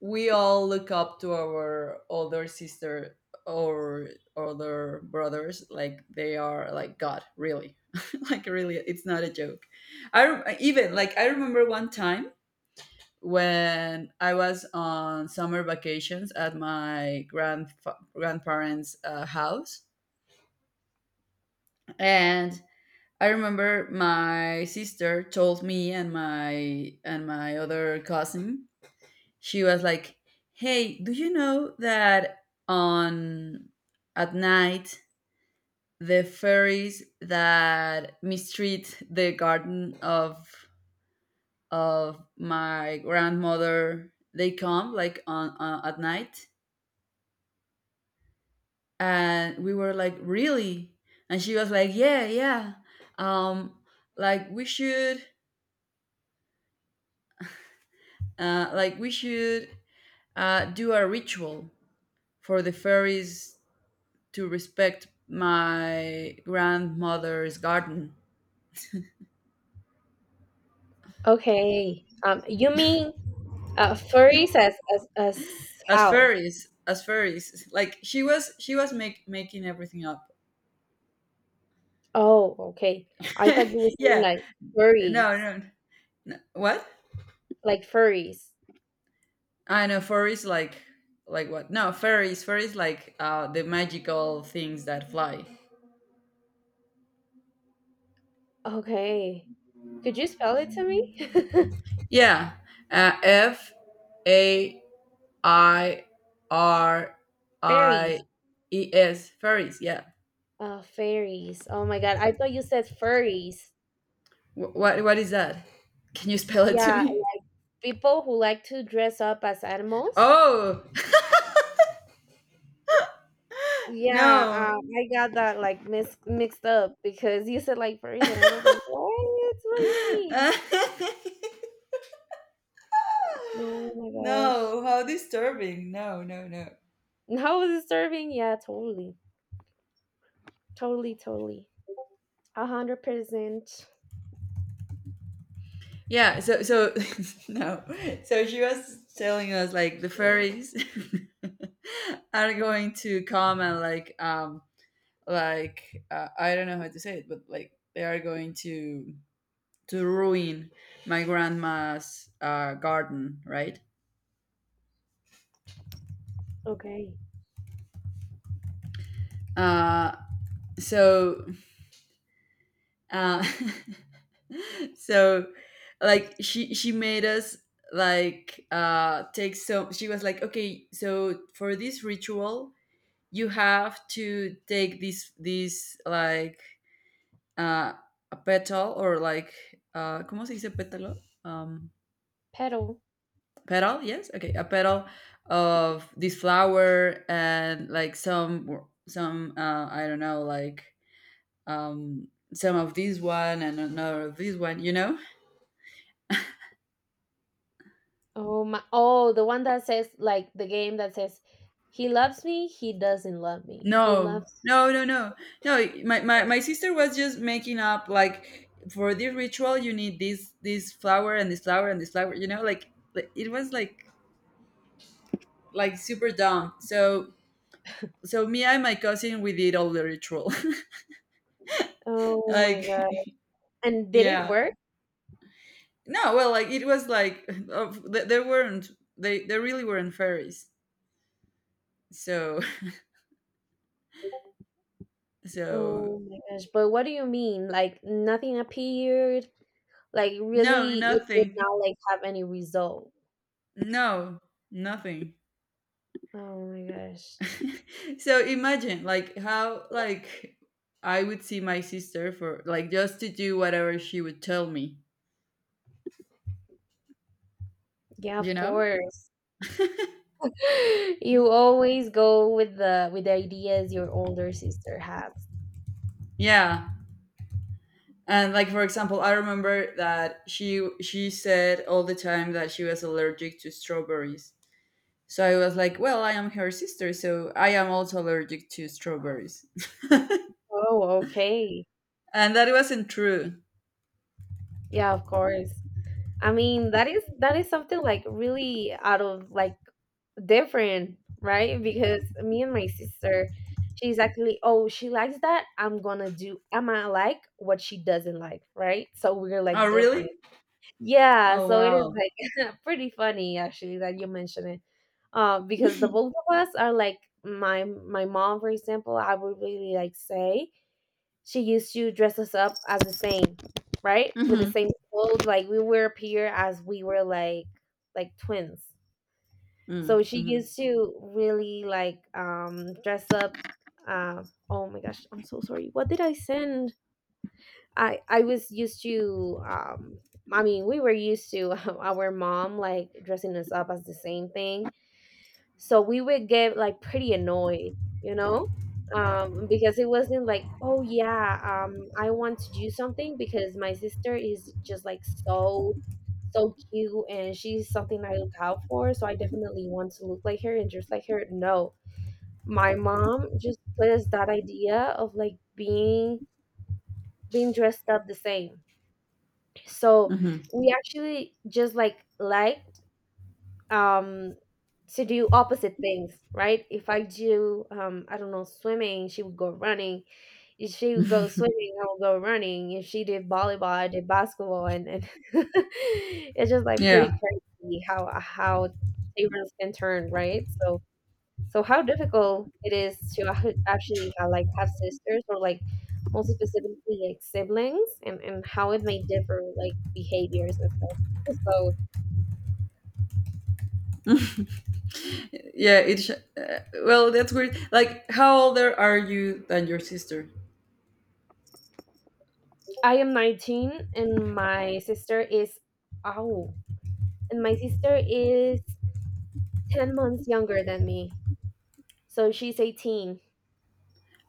[SPEAKER 1] we all look up to our older sister or older brothers. Like they are like God, really. Like really, it's not a joke. Even like I remember one time when I was on summer vacations at my grandparents' house, and I remember my sister told me and my other cousin. She was like, "Hey, do you know that on at night the fairies that mistreat the garden of my grandmother, they come like on at night?" And we were like, "Really?" And she was like, "Yeah, yeah, um like, we should uh like we should do a ritual for the fairies to respect my grandmother's garden."
[SPEAKER 2] Okay. You mean furries as as
[SPEAKER 1] as
[SPEAKER 2] how?
[SPEAKER 1] fairies as fairies like she was, she was making everything up.
[SPEAKER 2] Oh, okay. I thought you were saying
[SPEAKER 1] Yeah,
[SPEAKER 2] like
[SPEAKER 1] no,
[SPEAKER 2] furries,
[SPEAKER 1] no, what?
[SPEAKER 2] like furries.
[SPEAKER 1] I know furries, like what? No, fairies, fairies, like, the magical things that fly.
[SPEAKER 2] Okay. Could you spell it to me?
[SPEAKER 1] Yeah, F A I R I
[SPEAKER 2] Fairies.
[SPEAKER 1] E S. Faris. Yeah.
[SPEAKER 2] Oh, fairies. Oh my God. I thought you said furries.
[SPEAKER 1] What is that? Can you spell it to
[SPEAKER 2] Yeah,
[SPEAKER 1] me?
[SPEAKER 2] like people who like to dress up as animals.
[SPEAKER 1] Oh.
[SPEAKER 2] Yeah,
[SPEAKER 1] No.
[SPEAKER 2] I got that like mis mixed up because you said like furries, and I was like, what? What do you mean?
[SPEAKER 1] No!
[SPEAKER 2] Oh my gosh.
[SPEAKER 1] How disturbing! No, no, no.
[SPEAKER 2] How is it serving? Yeah, totally. Totally, totally. 100%.
[SPEAKER 1] Yeah. So no. So she was telling us, like, the fairies are going to come and like like, I don't know how to say it, but like they are going to ruin my grandma's garden, right?
[SPEAKER 2] Okay.
[SPEAKER 1] Uh, so, uh, so, like, she made us like, take, so she was like, "Okay, so for this ritual you have to take this, like, uh a petal, or like, como se dice pétalo, um
[SPEAKER 2] Pedal.
[SPEAKER 1] petal, yes, okay, a petal of this flower, and like some, I don't know, like, um some of this one, and another of this one, you know."
[SPEAKER 2] Oh my! Oh, the one that says like the game that says, "He loves me. He doesn't love me. He
[SPEAKER 1] No,
[SPEAKER 2] loves."
[SPEAKER 1] no, no, no, no, my sister was just making up, like, for this ritual you need this, flower, and this flower, and this flower, you know, like it was like super dumb. So, so me and my cousin, we did all the ritual.
[SPEAKER 2] Oh my
[SPEAKER 1] Like,
[SPEAKER 2] god! And did it
[SPEAKER 1] yeah.
[SPEAKER 2] work?
[SPEAKER 1] No, well, like it was like, of, there weren't, they there really weren't fairies. So so
[SPEAKER 2] Oh my gosh! But what do you mean? Like nothing appeared? Like
[SPEAKER 1] no,
[SPEAKER 2] really, it did
[SPEAKER 1] nothing.
[SPEAKER 2] not like have any result.
[SPEAKER 1] No, nothing.
[SPEAKER 2] Oh my gosh.
[SPEAKER 1] So imagine like how, like, I would see my sister for, like, just to do whatever she would tell me,
[SPEAKER 2] Yeah, of
[SPEAKER 1] you know?
[SPEAKER 2] course. You always go with the ideas your older sister has.
[SPEAKER 1] Yeah. And like, for example, I remember that she said all the time that she was allergic to strawberries. So I was like, well, I am her sister, so I am also allergic to strawberries.
[SPEAKER 2] Oh, okay.
[SPEAKER 1] And that wasn't true.
[SPEAKER 2] Yeah, of course. I mean, that is something like really out of like different, right? Because me and my sister, she's actually, oh, she likes that. I'm gonna do, I'm gonna like what she doesn't like, right? So we're
[SPEAKER 1] Oh,
[SPEAKER 2] like
[SPEAKER 1] really?
[SPEAKER 2] different. Yeah,
[SPEAKER 1] Oh,
[SPEAKER 2] so it is
[SPEAKER 1] wow.
[SPEAKER 2] like pretty funny actually that you mention it. Because the both of us are like my mom, for example, I would really like say she used to dress us up as the same, right? With the
[SPEAKER 1] Mm-hmm.
[SPEAKER 2] same clothes, like we would appear as we were like twins.
[SPEAKER 1] Mm-hmm.
[SPEAKER 2] So she
[SPEAKER 1] Mm-hmm.
[SPEAKER 2] used to really like dress up uh, oh my gosh, I'm so sorry. What did I send? I was used to I mean we were used to our mom like dressing us up as the same thing. So we would get like pretty annoyed, you know? Because it wasn't like, "Oh yeah, I want to do something because my sister is just like so cute and she's something I look out for, so I definitely want to look like her and dress like her." No. My mom just put us that idea of like being dressed up the same, so
[SPEAKER 1] Mm-hmm.
[SPEAKER 2] we actually just like um to do opposite things, right? If I do, I don't know, swimming, she would go running. If she would go swimming, I would go running. If she did volleyball, I did basketball, and it's just like
[SPEAKER 1] Yeah.
[SPEAKER 2] pretty crazy how tables can turn, right? So so how difficult it is to actually like have sisters, or like most specifically like siblings, and how it may differ like behaviors and stuff. So
[SPEAKER 1] Yeah. It well, that's weird. Like, how older are you than your sister?
[SPEAKER 2] I am 19, and my sister is oh and my sister is 10 months younger than me. So she's 18.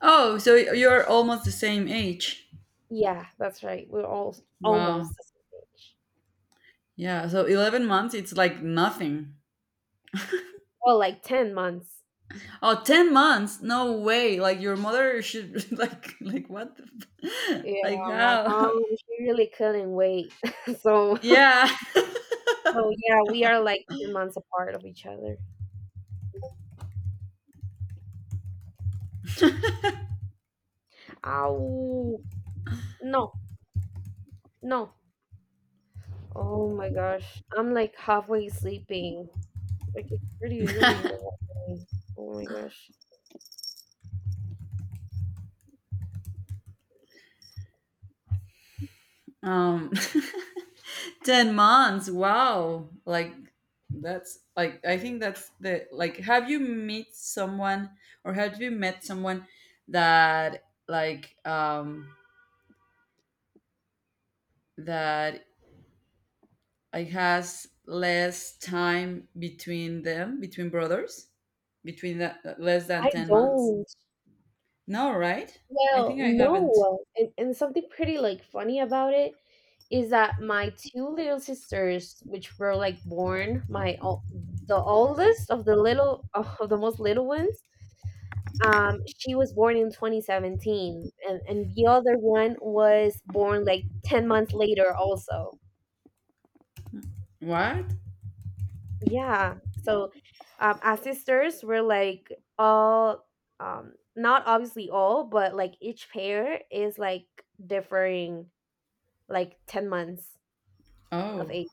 [SPEAKER 1] Oh, so you're almost the same age.
[SPEAKER 2] Yeah, that's right. We're all
[SPEAKER 1] Wow.
[SPEAKER 2] almost the same age.
[SPEAKER 1] Yeah. So 11 months, it's like nothing.
[SPEAKER 2] Well, like 10 months.
[SPEAKER 1] Oh, 10 months? No way. Like, your mother should, like what? The
[SPEAKER 2] Yeah,
[SPEAKER 1] like,
[SPEAKER 2] my
[SPEAKER 1] how?
[SPEAKER 2] mom, she really couldn't wait. So
[SPEAKER 1] Yeah.
[SPEAKER 2] so yeah, we are like 10 months apart of each other. Ow. No, no. Oh my gosh. I'm like halfway sleeping. Like it's pretty early in the morning. Oh my gosh.
[SPEAKER 1] Um, 10 months. Wow. Like, that's like, I think that's the, like, have you meet someone, or have you met someone that like, that like has less time between them, between brothers, between the, less than
[SPEAKER 2] I
[SPEAKER 1] 10 months?
[SPEAKER 2] don't.
[SPEAKER 1] No, right? I
[SPEAKER 2] Well,
[SPEAKER 1] think I haven't.
[SPEAKER 2] no, and something pretty like funny about it is that my two little sisters, which were like born my the oldest of the little of the most little ones, she was born in 2017, and the other one was born like 10 months later also.
[SPEAKER 1] What?
[SPEAKER 2] Yeah, so our sisters were like all not obviously all, but like each pair is like differing like 10 months of
[SPEAKER 1] Oh.
[SPEAKER 2] age.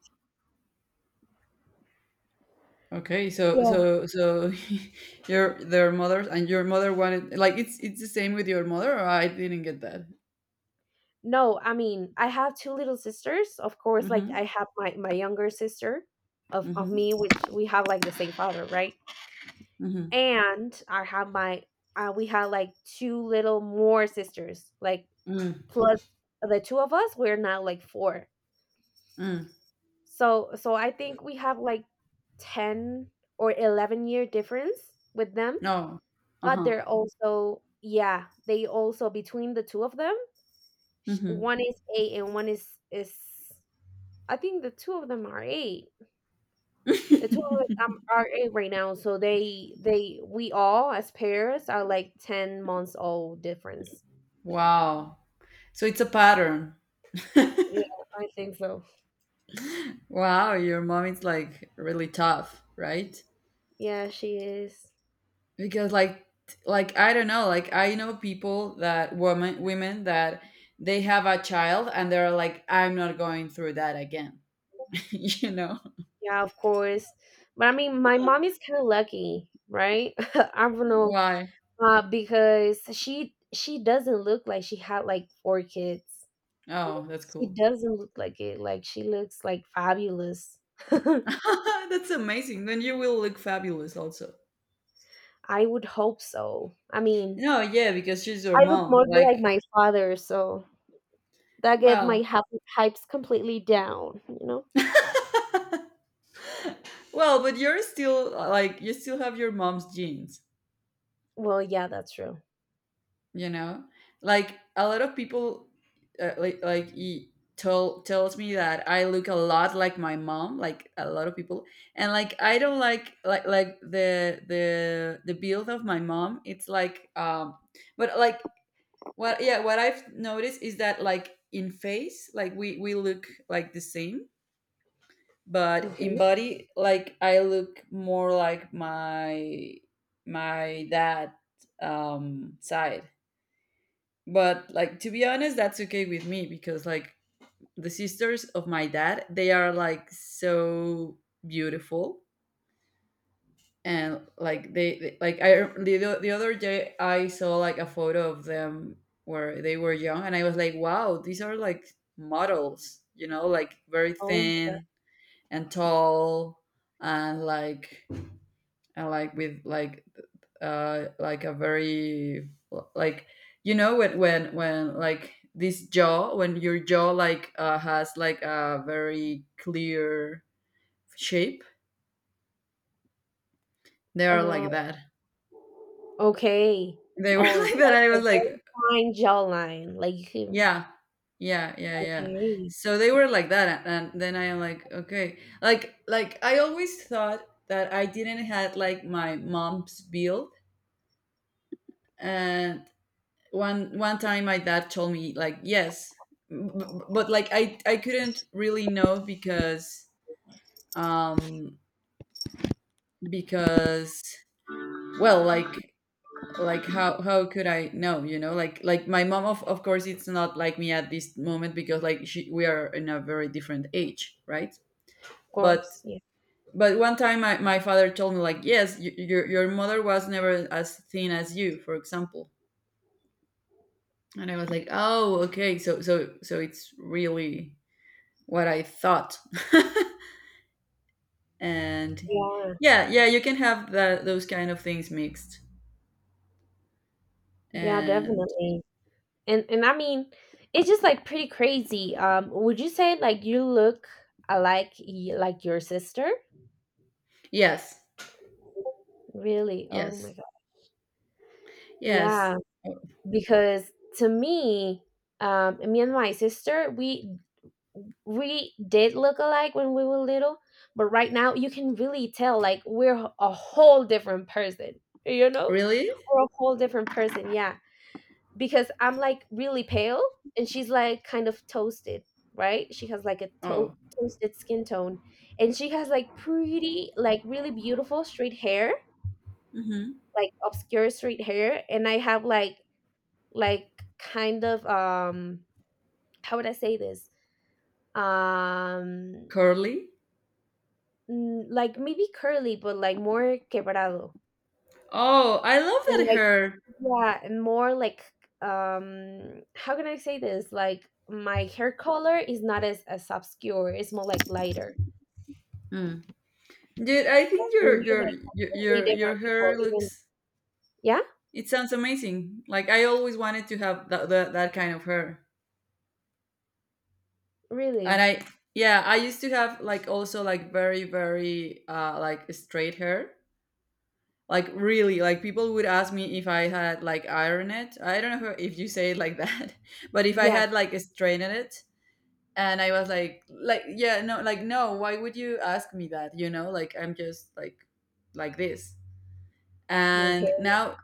[SPEAKER 1] Okay, so,
[SPEAKER 2] Yeah.
[SPEAKER 1] your, their mothers and your mother wanted, like, it's the same with your mother, or I didn't get that.
[SPEAKER 2] No, I mean, I have two little sisters. Of course, like
[SPEAKER 1] Mm-hmm.
[SPEAKER 2] I have my younger sister of
[SPEAKER 1] Mm-hmm.
[SPEAKER 2] me, which we have like the same father, right?
[SPEAKER 1] Mm-hmm.
[SPEAKER 2] And I have my we have like two little more sisters. Like
[SPEAKER 1] Mm.
[SPEAKER 2] plus the two of us, we're now like four.
[SPEAKER 1] Mm.
[SPEAKER 2] So so I think we have like 10 or 11-year difference with them,
[SPEAKER 1] No.
[SPEAKER 2] but
[SPEAKER 1] Uh-huh.
[SPEAKER 2] they're also yeah, they also between the two of them one is eight and one is I think the two of them are eight. The two of us
[SPEAKER 1] Mm-hmm.
[SPEAKER 2] are eight right now, so they we all as pairs are like 10 months old difference.
[SPEAKER 1] Wow. So it's a pattern.
[SPEAKER 2] Yeah, I think so.
[SPEAKER 1] Wow, your mom is like really tough, right?
[SPEAKER 2] Yeah, she is.
[SPEAKER 1] Because, like I don't know, like I know people that women that they have a child and they're like, "I'm not going through that again." You know?
[SPEAKER 2] Yeah, of course. But I mean, my mom is kind of lucky, right? I don't know,
[SPEAKER 1] Why?
[SPEAKER 2] because she doesn't look like she had like four kids.
[SPEAKER 1] Oh, that's
[SPEAKER 2] She
[SPEAKER 1] cool.
[SPEAKER 2] doesn't look like it. Like she looks like fabulous.
[SPEAKER 1] That's amazing. Then you will look fabulous also.
[SPEAKER 2] I would hope so. I mean,
[SPEAKER 1] No, yeah, because she's your
[SPEAKER 2] I look
[SPEAKER 1] mom.
[SPEAKER 2] more like
[SPEAKER 1] Like,
[SPEAKER 2] my father, so that get my
[SPEAKER 1] well,
[SPEAKER 2] hypes completely down, you know?
[SPEAKER 1] well, but you're still like, you still have your mom's genes,
[SPEAKER 2] Well, yeah, that's true.
[SPEAKER 1] you know? Like a lot of people, like he tells me that I look a lot like my mom, like a lot of people. And like I don't like the, build of my mom. It's like, but like, what, yeah, what I've noticed is that, like, in face, like we look like the same, but in
[SPEAKER 2] Okay.
[SPEAKER 1] body, like I look more like my dad, side. But like, to be honest, that's okay with me, because like, the sisters of my dad, they are like so beautiful, and like I, the, the other day I saw like a photo of them where they were young, and I was like, wow, these are like models, you know, like very
[SPEAKER 2] Oh my god.
[SPEAKER 1] thin and tall, and like, and like with, like, like a very, like, you know when, like this jaw, when your jaw, like, has like a very clear shape, they are
[SPEAKER 2] Uh,
[SPEAKER 1] like that.
[SPEAKER 2] okay.
[SPEAKER 1] They were
[SPEAKER 2] Oh, like
[SPEAKER 1] like that, I
[SPEAKER 2] a
[SPEAKER 1] was
[SPEAKER 2] very
[SPEAKER 1] like,
[SPEAKER 2] fine jawline. Like you.
[SPEAKER 1] yeah, yeah, yeah, yeah.
[SPEAKER 2] Okay.
[SPEAKER 1] So they were like that, and then I am like, okay. Like I always thought that I didn't had like my mom's build, and one time my dad told me, like, yes. But like, I couldn't really know because um because, well, like how could I know, you know? Like my mom, of course it's not like me at this moment, because like she, we are in a very different age, right?
[SPEAKER 2] Of
[SPEAKER 1] but
[SPEAKER 2] course. Yeah.
[SPEAKER 1] but one time my father told me like, yes, your mother was never as thin as you, for example. And I was like, oh, okay, so, it's really what I thought. And
[SPEAKER 2] Yeah.
[SPEAKER 1] yeah, yeah, you can have that, those kind of things mixed.
[SPEAKER 2] Yeah,
[SPEAKER 1] And
[SPEAKER 2] definitely. And I mean, it's just like pretty crazy. Would you say like you look alike like your sister?
[SPEAKER 1] yes,
[SPEAKER 2] Really? Oh my
[SPEAKER 1] yes,
[SPEAKER 2] God.
[SPEAKER 1] yes.
[SPEAKER 2] Yeah,
[SPEAKER 1] Oh,
[SPEAKER 2] because to me, me and my sister, we did look alike when we were little, but right now you can really tell like we're a whole different person, you know?
[SPEAKER 1] really?
[SPEAKER 2] We're a whole different person. Yeah. Because I'm like really pale and she's like kind of toasted, right? She has like a
[SPEAKER 1] Oh,
[SPEAKER 2] toasted skin tone and she has like pretty, like really beautiful straight hair,
[SPEAKER 1] hmm.
[SPEAKER 2] like obscure straight hair. And I have like kind of, how would I say this? Um,
[SPEAKER 1] Curly.
[SPEAKER 2] like maybe curly, but like more quebrado.
[SPEAKER 1] Oh, I love
[SPEAKER 2] And
[SPEAKER 1] that
[SPEAKER 2] like
[SPEAKER 1] hair.
[SPEAKER 2] yeah, and more like how can I say this? Like my hair color is not as obscure, it's more like lighter.
[SPEAKER 1] Mm. Dude, I think
[SPEAKER 2] That's why
[SPEAKER 1] your
[SPEAKER 2] we're
[SPEAKER 1] your
[SPEAKER 2] like completely different
[SPEAKER 1] your
[SPEAKER 2] people,
[SPEAKER 1] hair
[SPEAKER 2] even
[SPEAKER 1] looks,
[SPEAKER 2] yeah?
[SPEAKER 1] it sounds amazing. Like, I always wanted to have that, that kind of hair, and
[SPEAKER 2] Really?
[SPEAKER 1] I, yeah, I used to have, like, also like very, very like straight hair. Like, really, like people would ask me if I had, like, iron it. I don't know if you say it like that, but if I
[SPEAKER 2] Yeah.
[SPEAKER 1] had like straightened it, and I was like, yeah, no, like no, why would you ask me that? You know, like I'm just like this.
[SPEAKER 2] No
[SPEAKER 1] And
[SPEAKER 2] hair.
[SPEAKER 1] now,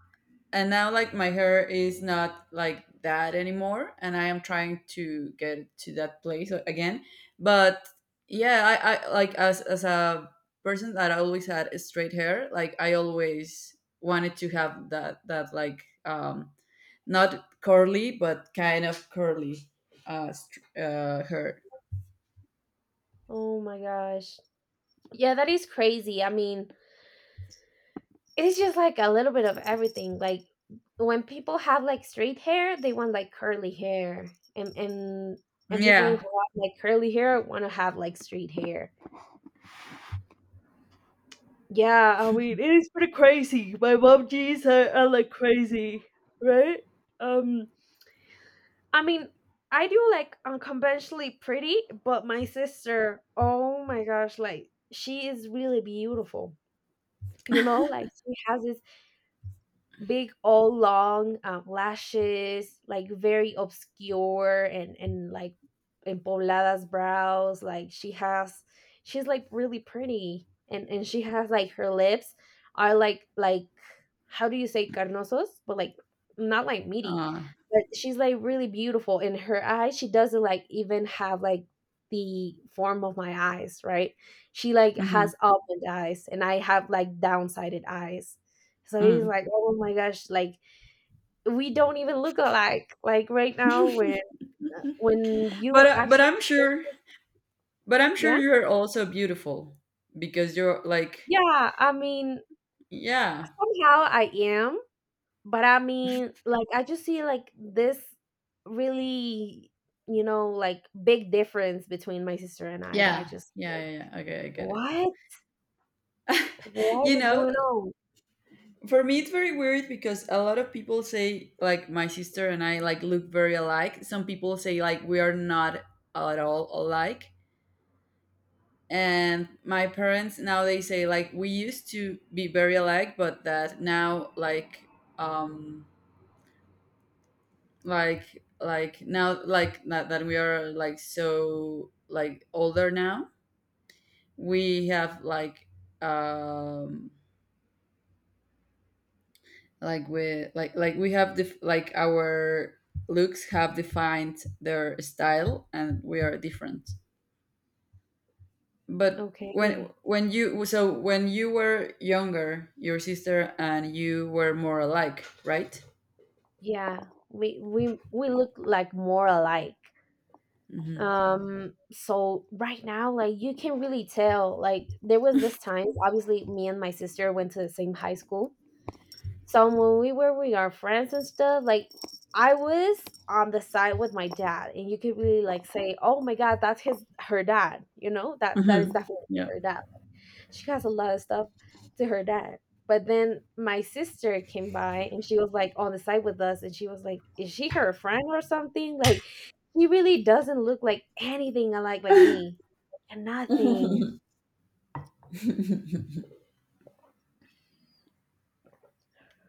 [SPEAKER 1] like my hair is not like that anymore, and I am trying to get to that place again. But yeah, I, like, as, a person that always had straight hair, like I always wanted to have that, like, not curly, but kind of curly, str hair.
[SPEAKER 2] Oh my gosh. Yeah, that is crazy. I mean, it's just like a little bit of everything. Like when people have like straight hair, they want like curly hair. And and and people
[SPEAKER 1] Yeah.
[SPEAKER 2] who have like curly hair want to have like straight hair. Yeah, I mean, it is pretty crazy. My mom jeans are like crazy, right? Um, I mean, I do like unconventionally pretty, but my sister, oh my gosh, like she is really beautiful. You know, like she has this big all long lashes like very obscure and like in poblada's brows like she has she's like really pretty and she has like her lips are like how do you say carnosos but like not like meaty
[SPEAKER 1] uh,
[SPEAKER 2] but she's like really beautiful in her eyes she doesn't like even have like the form of my eyes, right? She like
[SPEAKER 1] mhm.
[SPEAKER 2] has almond eyes and I have like downsided eyes, so he's
[SPEAKER 1] Mhm.
[SPEAKER 2] like, "Oh my gosh, like we don't even look alike." Like right now when
[SPEAKER 1] But,
[SPEAKER 2] you
[SPEAKER 1] but
[SPEAKER 2] actually
[SPEAKER 1] I'm sure,
[SPEAKER 2] yeah?
[SPEAKER 1] you're also beautiful, because you're like,
[SPEAKER 2] Yeah, I mean,
[SPEAKER 1] yeah.
[SPEAKER 2] somehow I am, but I mean, like I just see like this really, you know, like big difference between my sister and I that I
[SPEAKER 1] Yeah.
[SPEAKER 2] just
[SPEAKER 1] Yeah, yeah, yeah. Okay, I get it.
[SPEAKER 2] what? What
[SPEAKER 1] You
[SPEAKER 2] is
[SPEAKER 1] know,
[SPEAKER 2] going on?
[SPEAKER 1] for me, it's very weird, because a lot of people say like my sister and I, like, look very alike, some people say like we are not at all alike, and my parents now, they say like we used to be very alike, but that now, like, um like now, like, that, that we are like so, like, older now, we have like, um like, we like we have like, our looks have defined their style, and we are different. But when
[SPEAKER 2] Okay.
[SPEAKER 1] when you, so when you were younger, your sister and you were more alike, right?
[SPEAKER 2] Yeah, we look like more alike.
[SPEAKER 1] Hmm.
[SPEAKER 2] Um, so right now like you can really tell like there was this time obviously me and my sister went to the same high school, so when we were with our friends and stuff like I was on the side with my dad and you could really like say oh my god that's his her dad, you know, that is
[SPEAKER 1] Hmm.
[SPEAKER 2] definitely
[SPEAKER 1] Yeah.
[SPEAKER 2] her dad. She has a lot of stuff to her dad. But then my sister came by and she was like on the side with us and she was like, is she her friend or something? Like she really doesn't look like anything alike like me. And nothing.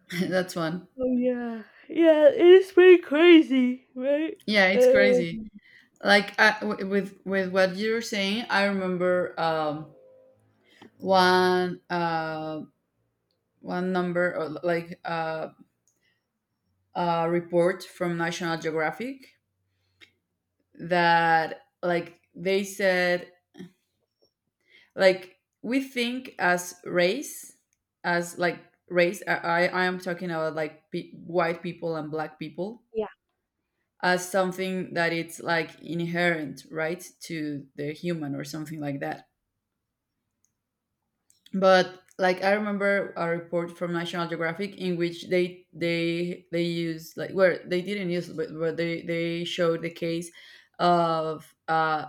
[SPEAKER 1] That's one.
[SPEAKER 2] Oh yeah, yeah, it is pretty crazy, right?
[SPEAKER 1] Yeah, it's
[SPEAKER 2] Uh,
[SPEAKER 1] crazy. Like, I, with what you're saying, I remember, one, one number, or like, a report from National Geographic, that, like, they said, like, we think as race, as, like, race — I am talking about, like, white people and black people —
[SPEAKER 2] yeah.
[SPEAKER 1] as something that it's like inherent, right, to the human or something like that. But like, I remember a report from National Geographic in which they used, like — where they didn't use it, but they showed the case of,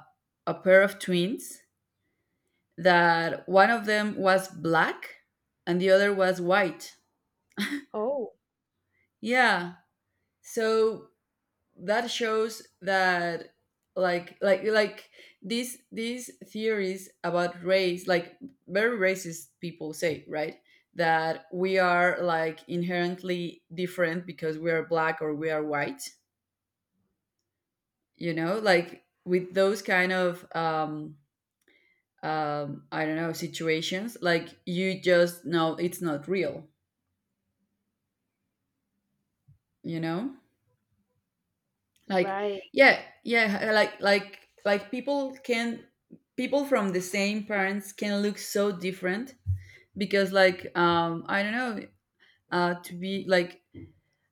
[SPEAKER 1] a pair of twins that one of them was black and the other was white.
[SPEAKER 2] Oh,
[SPEAKER 1] Yeah. So that shows that, like, these, theories about race, like, very racist people say, right, that we are like inherently different because we are black or we are white, you know, like, with those kind of, I don't know, situations like, you just know it's not real, you know, like,
[SPEAKER 2] right.
[SPEAKER 1] yeah, yeah, like, people can, people from the same parents can look so different, because, like, I don't know, to be like,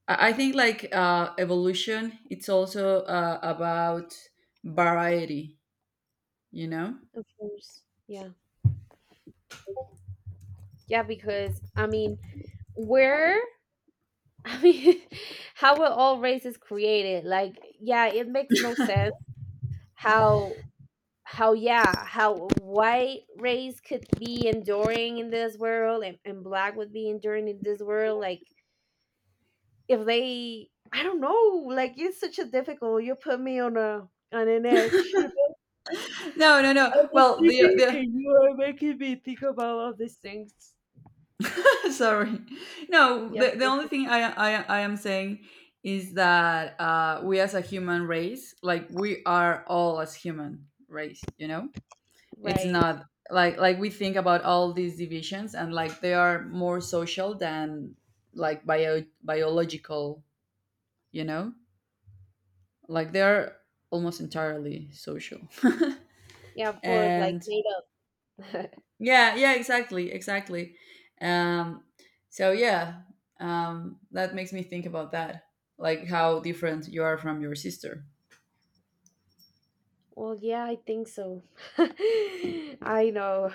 [SPEAKER 1] I think like, evolution, it's also about variety, you know.
[SPEAKER 2] Of course. Yeah. Yeah, because I mean, where I mean, how were all races created? Like, yeah, it makes no sense how how yeah how white race could be enduring in this world and black would be enduring in this world like if they I don't know like it's such a difficult you put me on a on an edge, you know,
[SPEAKER 1] No, no,
[SPEAKER 2] I'm
[SPEAKER 1] no.
[SPEAKER 2] just
[SPEAKER 1] Well, the
[SPEAKER 2] sleeping
[SPEAKER 1] the
[SPEAKER 2] and you are making me think about all these things.
[SPEAKER 1] sorry. No,
[SPEAKER 2] Yeah,
[SPEAKER 1] the, only thing I am saying is that, we, as a human race, like, we are all as human race, you know. It's
[SPEAKER 2] right.
[SPEAKER 1] not like, like we think about all these divisions, and like, they are more social than, like, biological, you know, like, they are almost entirely social.
[SPEAKER 2] Yeah, of course, like
[SPEAKER 1] And
[SPEAKER 2] made up.
[SPEAKER 1] yeah, yeah, exactly, exactly. um so yeah, that makes me think about that, like how different you are from your sister.
[SPEAKER 2] Well, yeah, I think so. I know.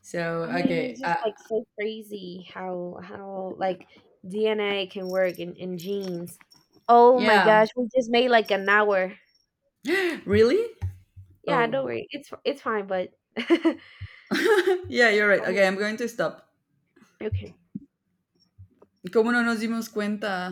[SPEAKER 1] So
[SPEAKER 2] I mean,
[SPEAKER 1] okay,
[SPEAKER 2] it's just like so crazy how like DNA can work in genes. Oh my
[SPEAKER 1] yeah.
[SPEAKER 2] gosh, we just made like an hour.
[SPEAKER 1] Really?
[SPEAKER 2] Yeah, don't
[SPEAKER 1] Oh.
[SPEAKER 2] worry. It's fine, but
[SPEAKER 1] Yeah, you're right. Okay, I'm going to stop.
[SPEAKER 2] okay.
[SPEAKER 1] ¿Cómo no nos dimos cuenta?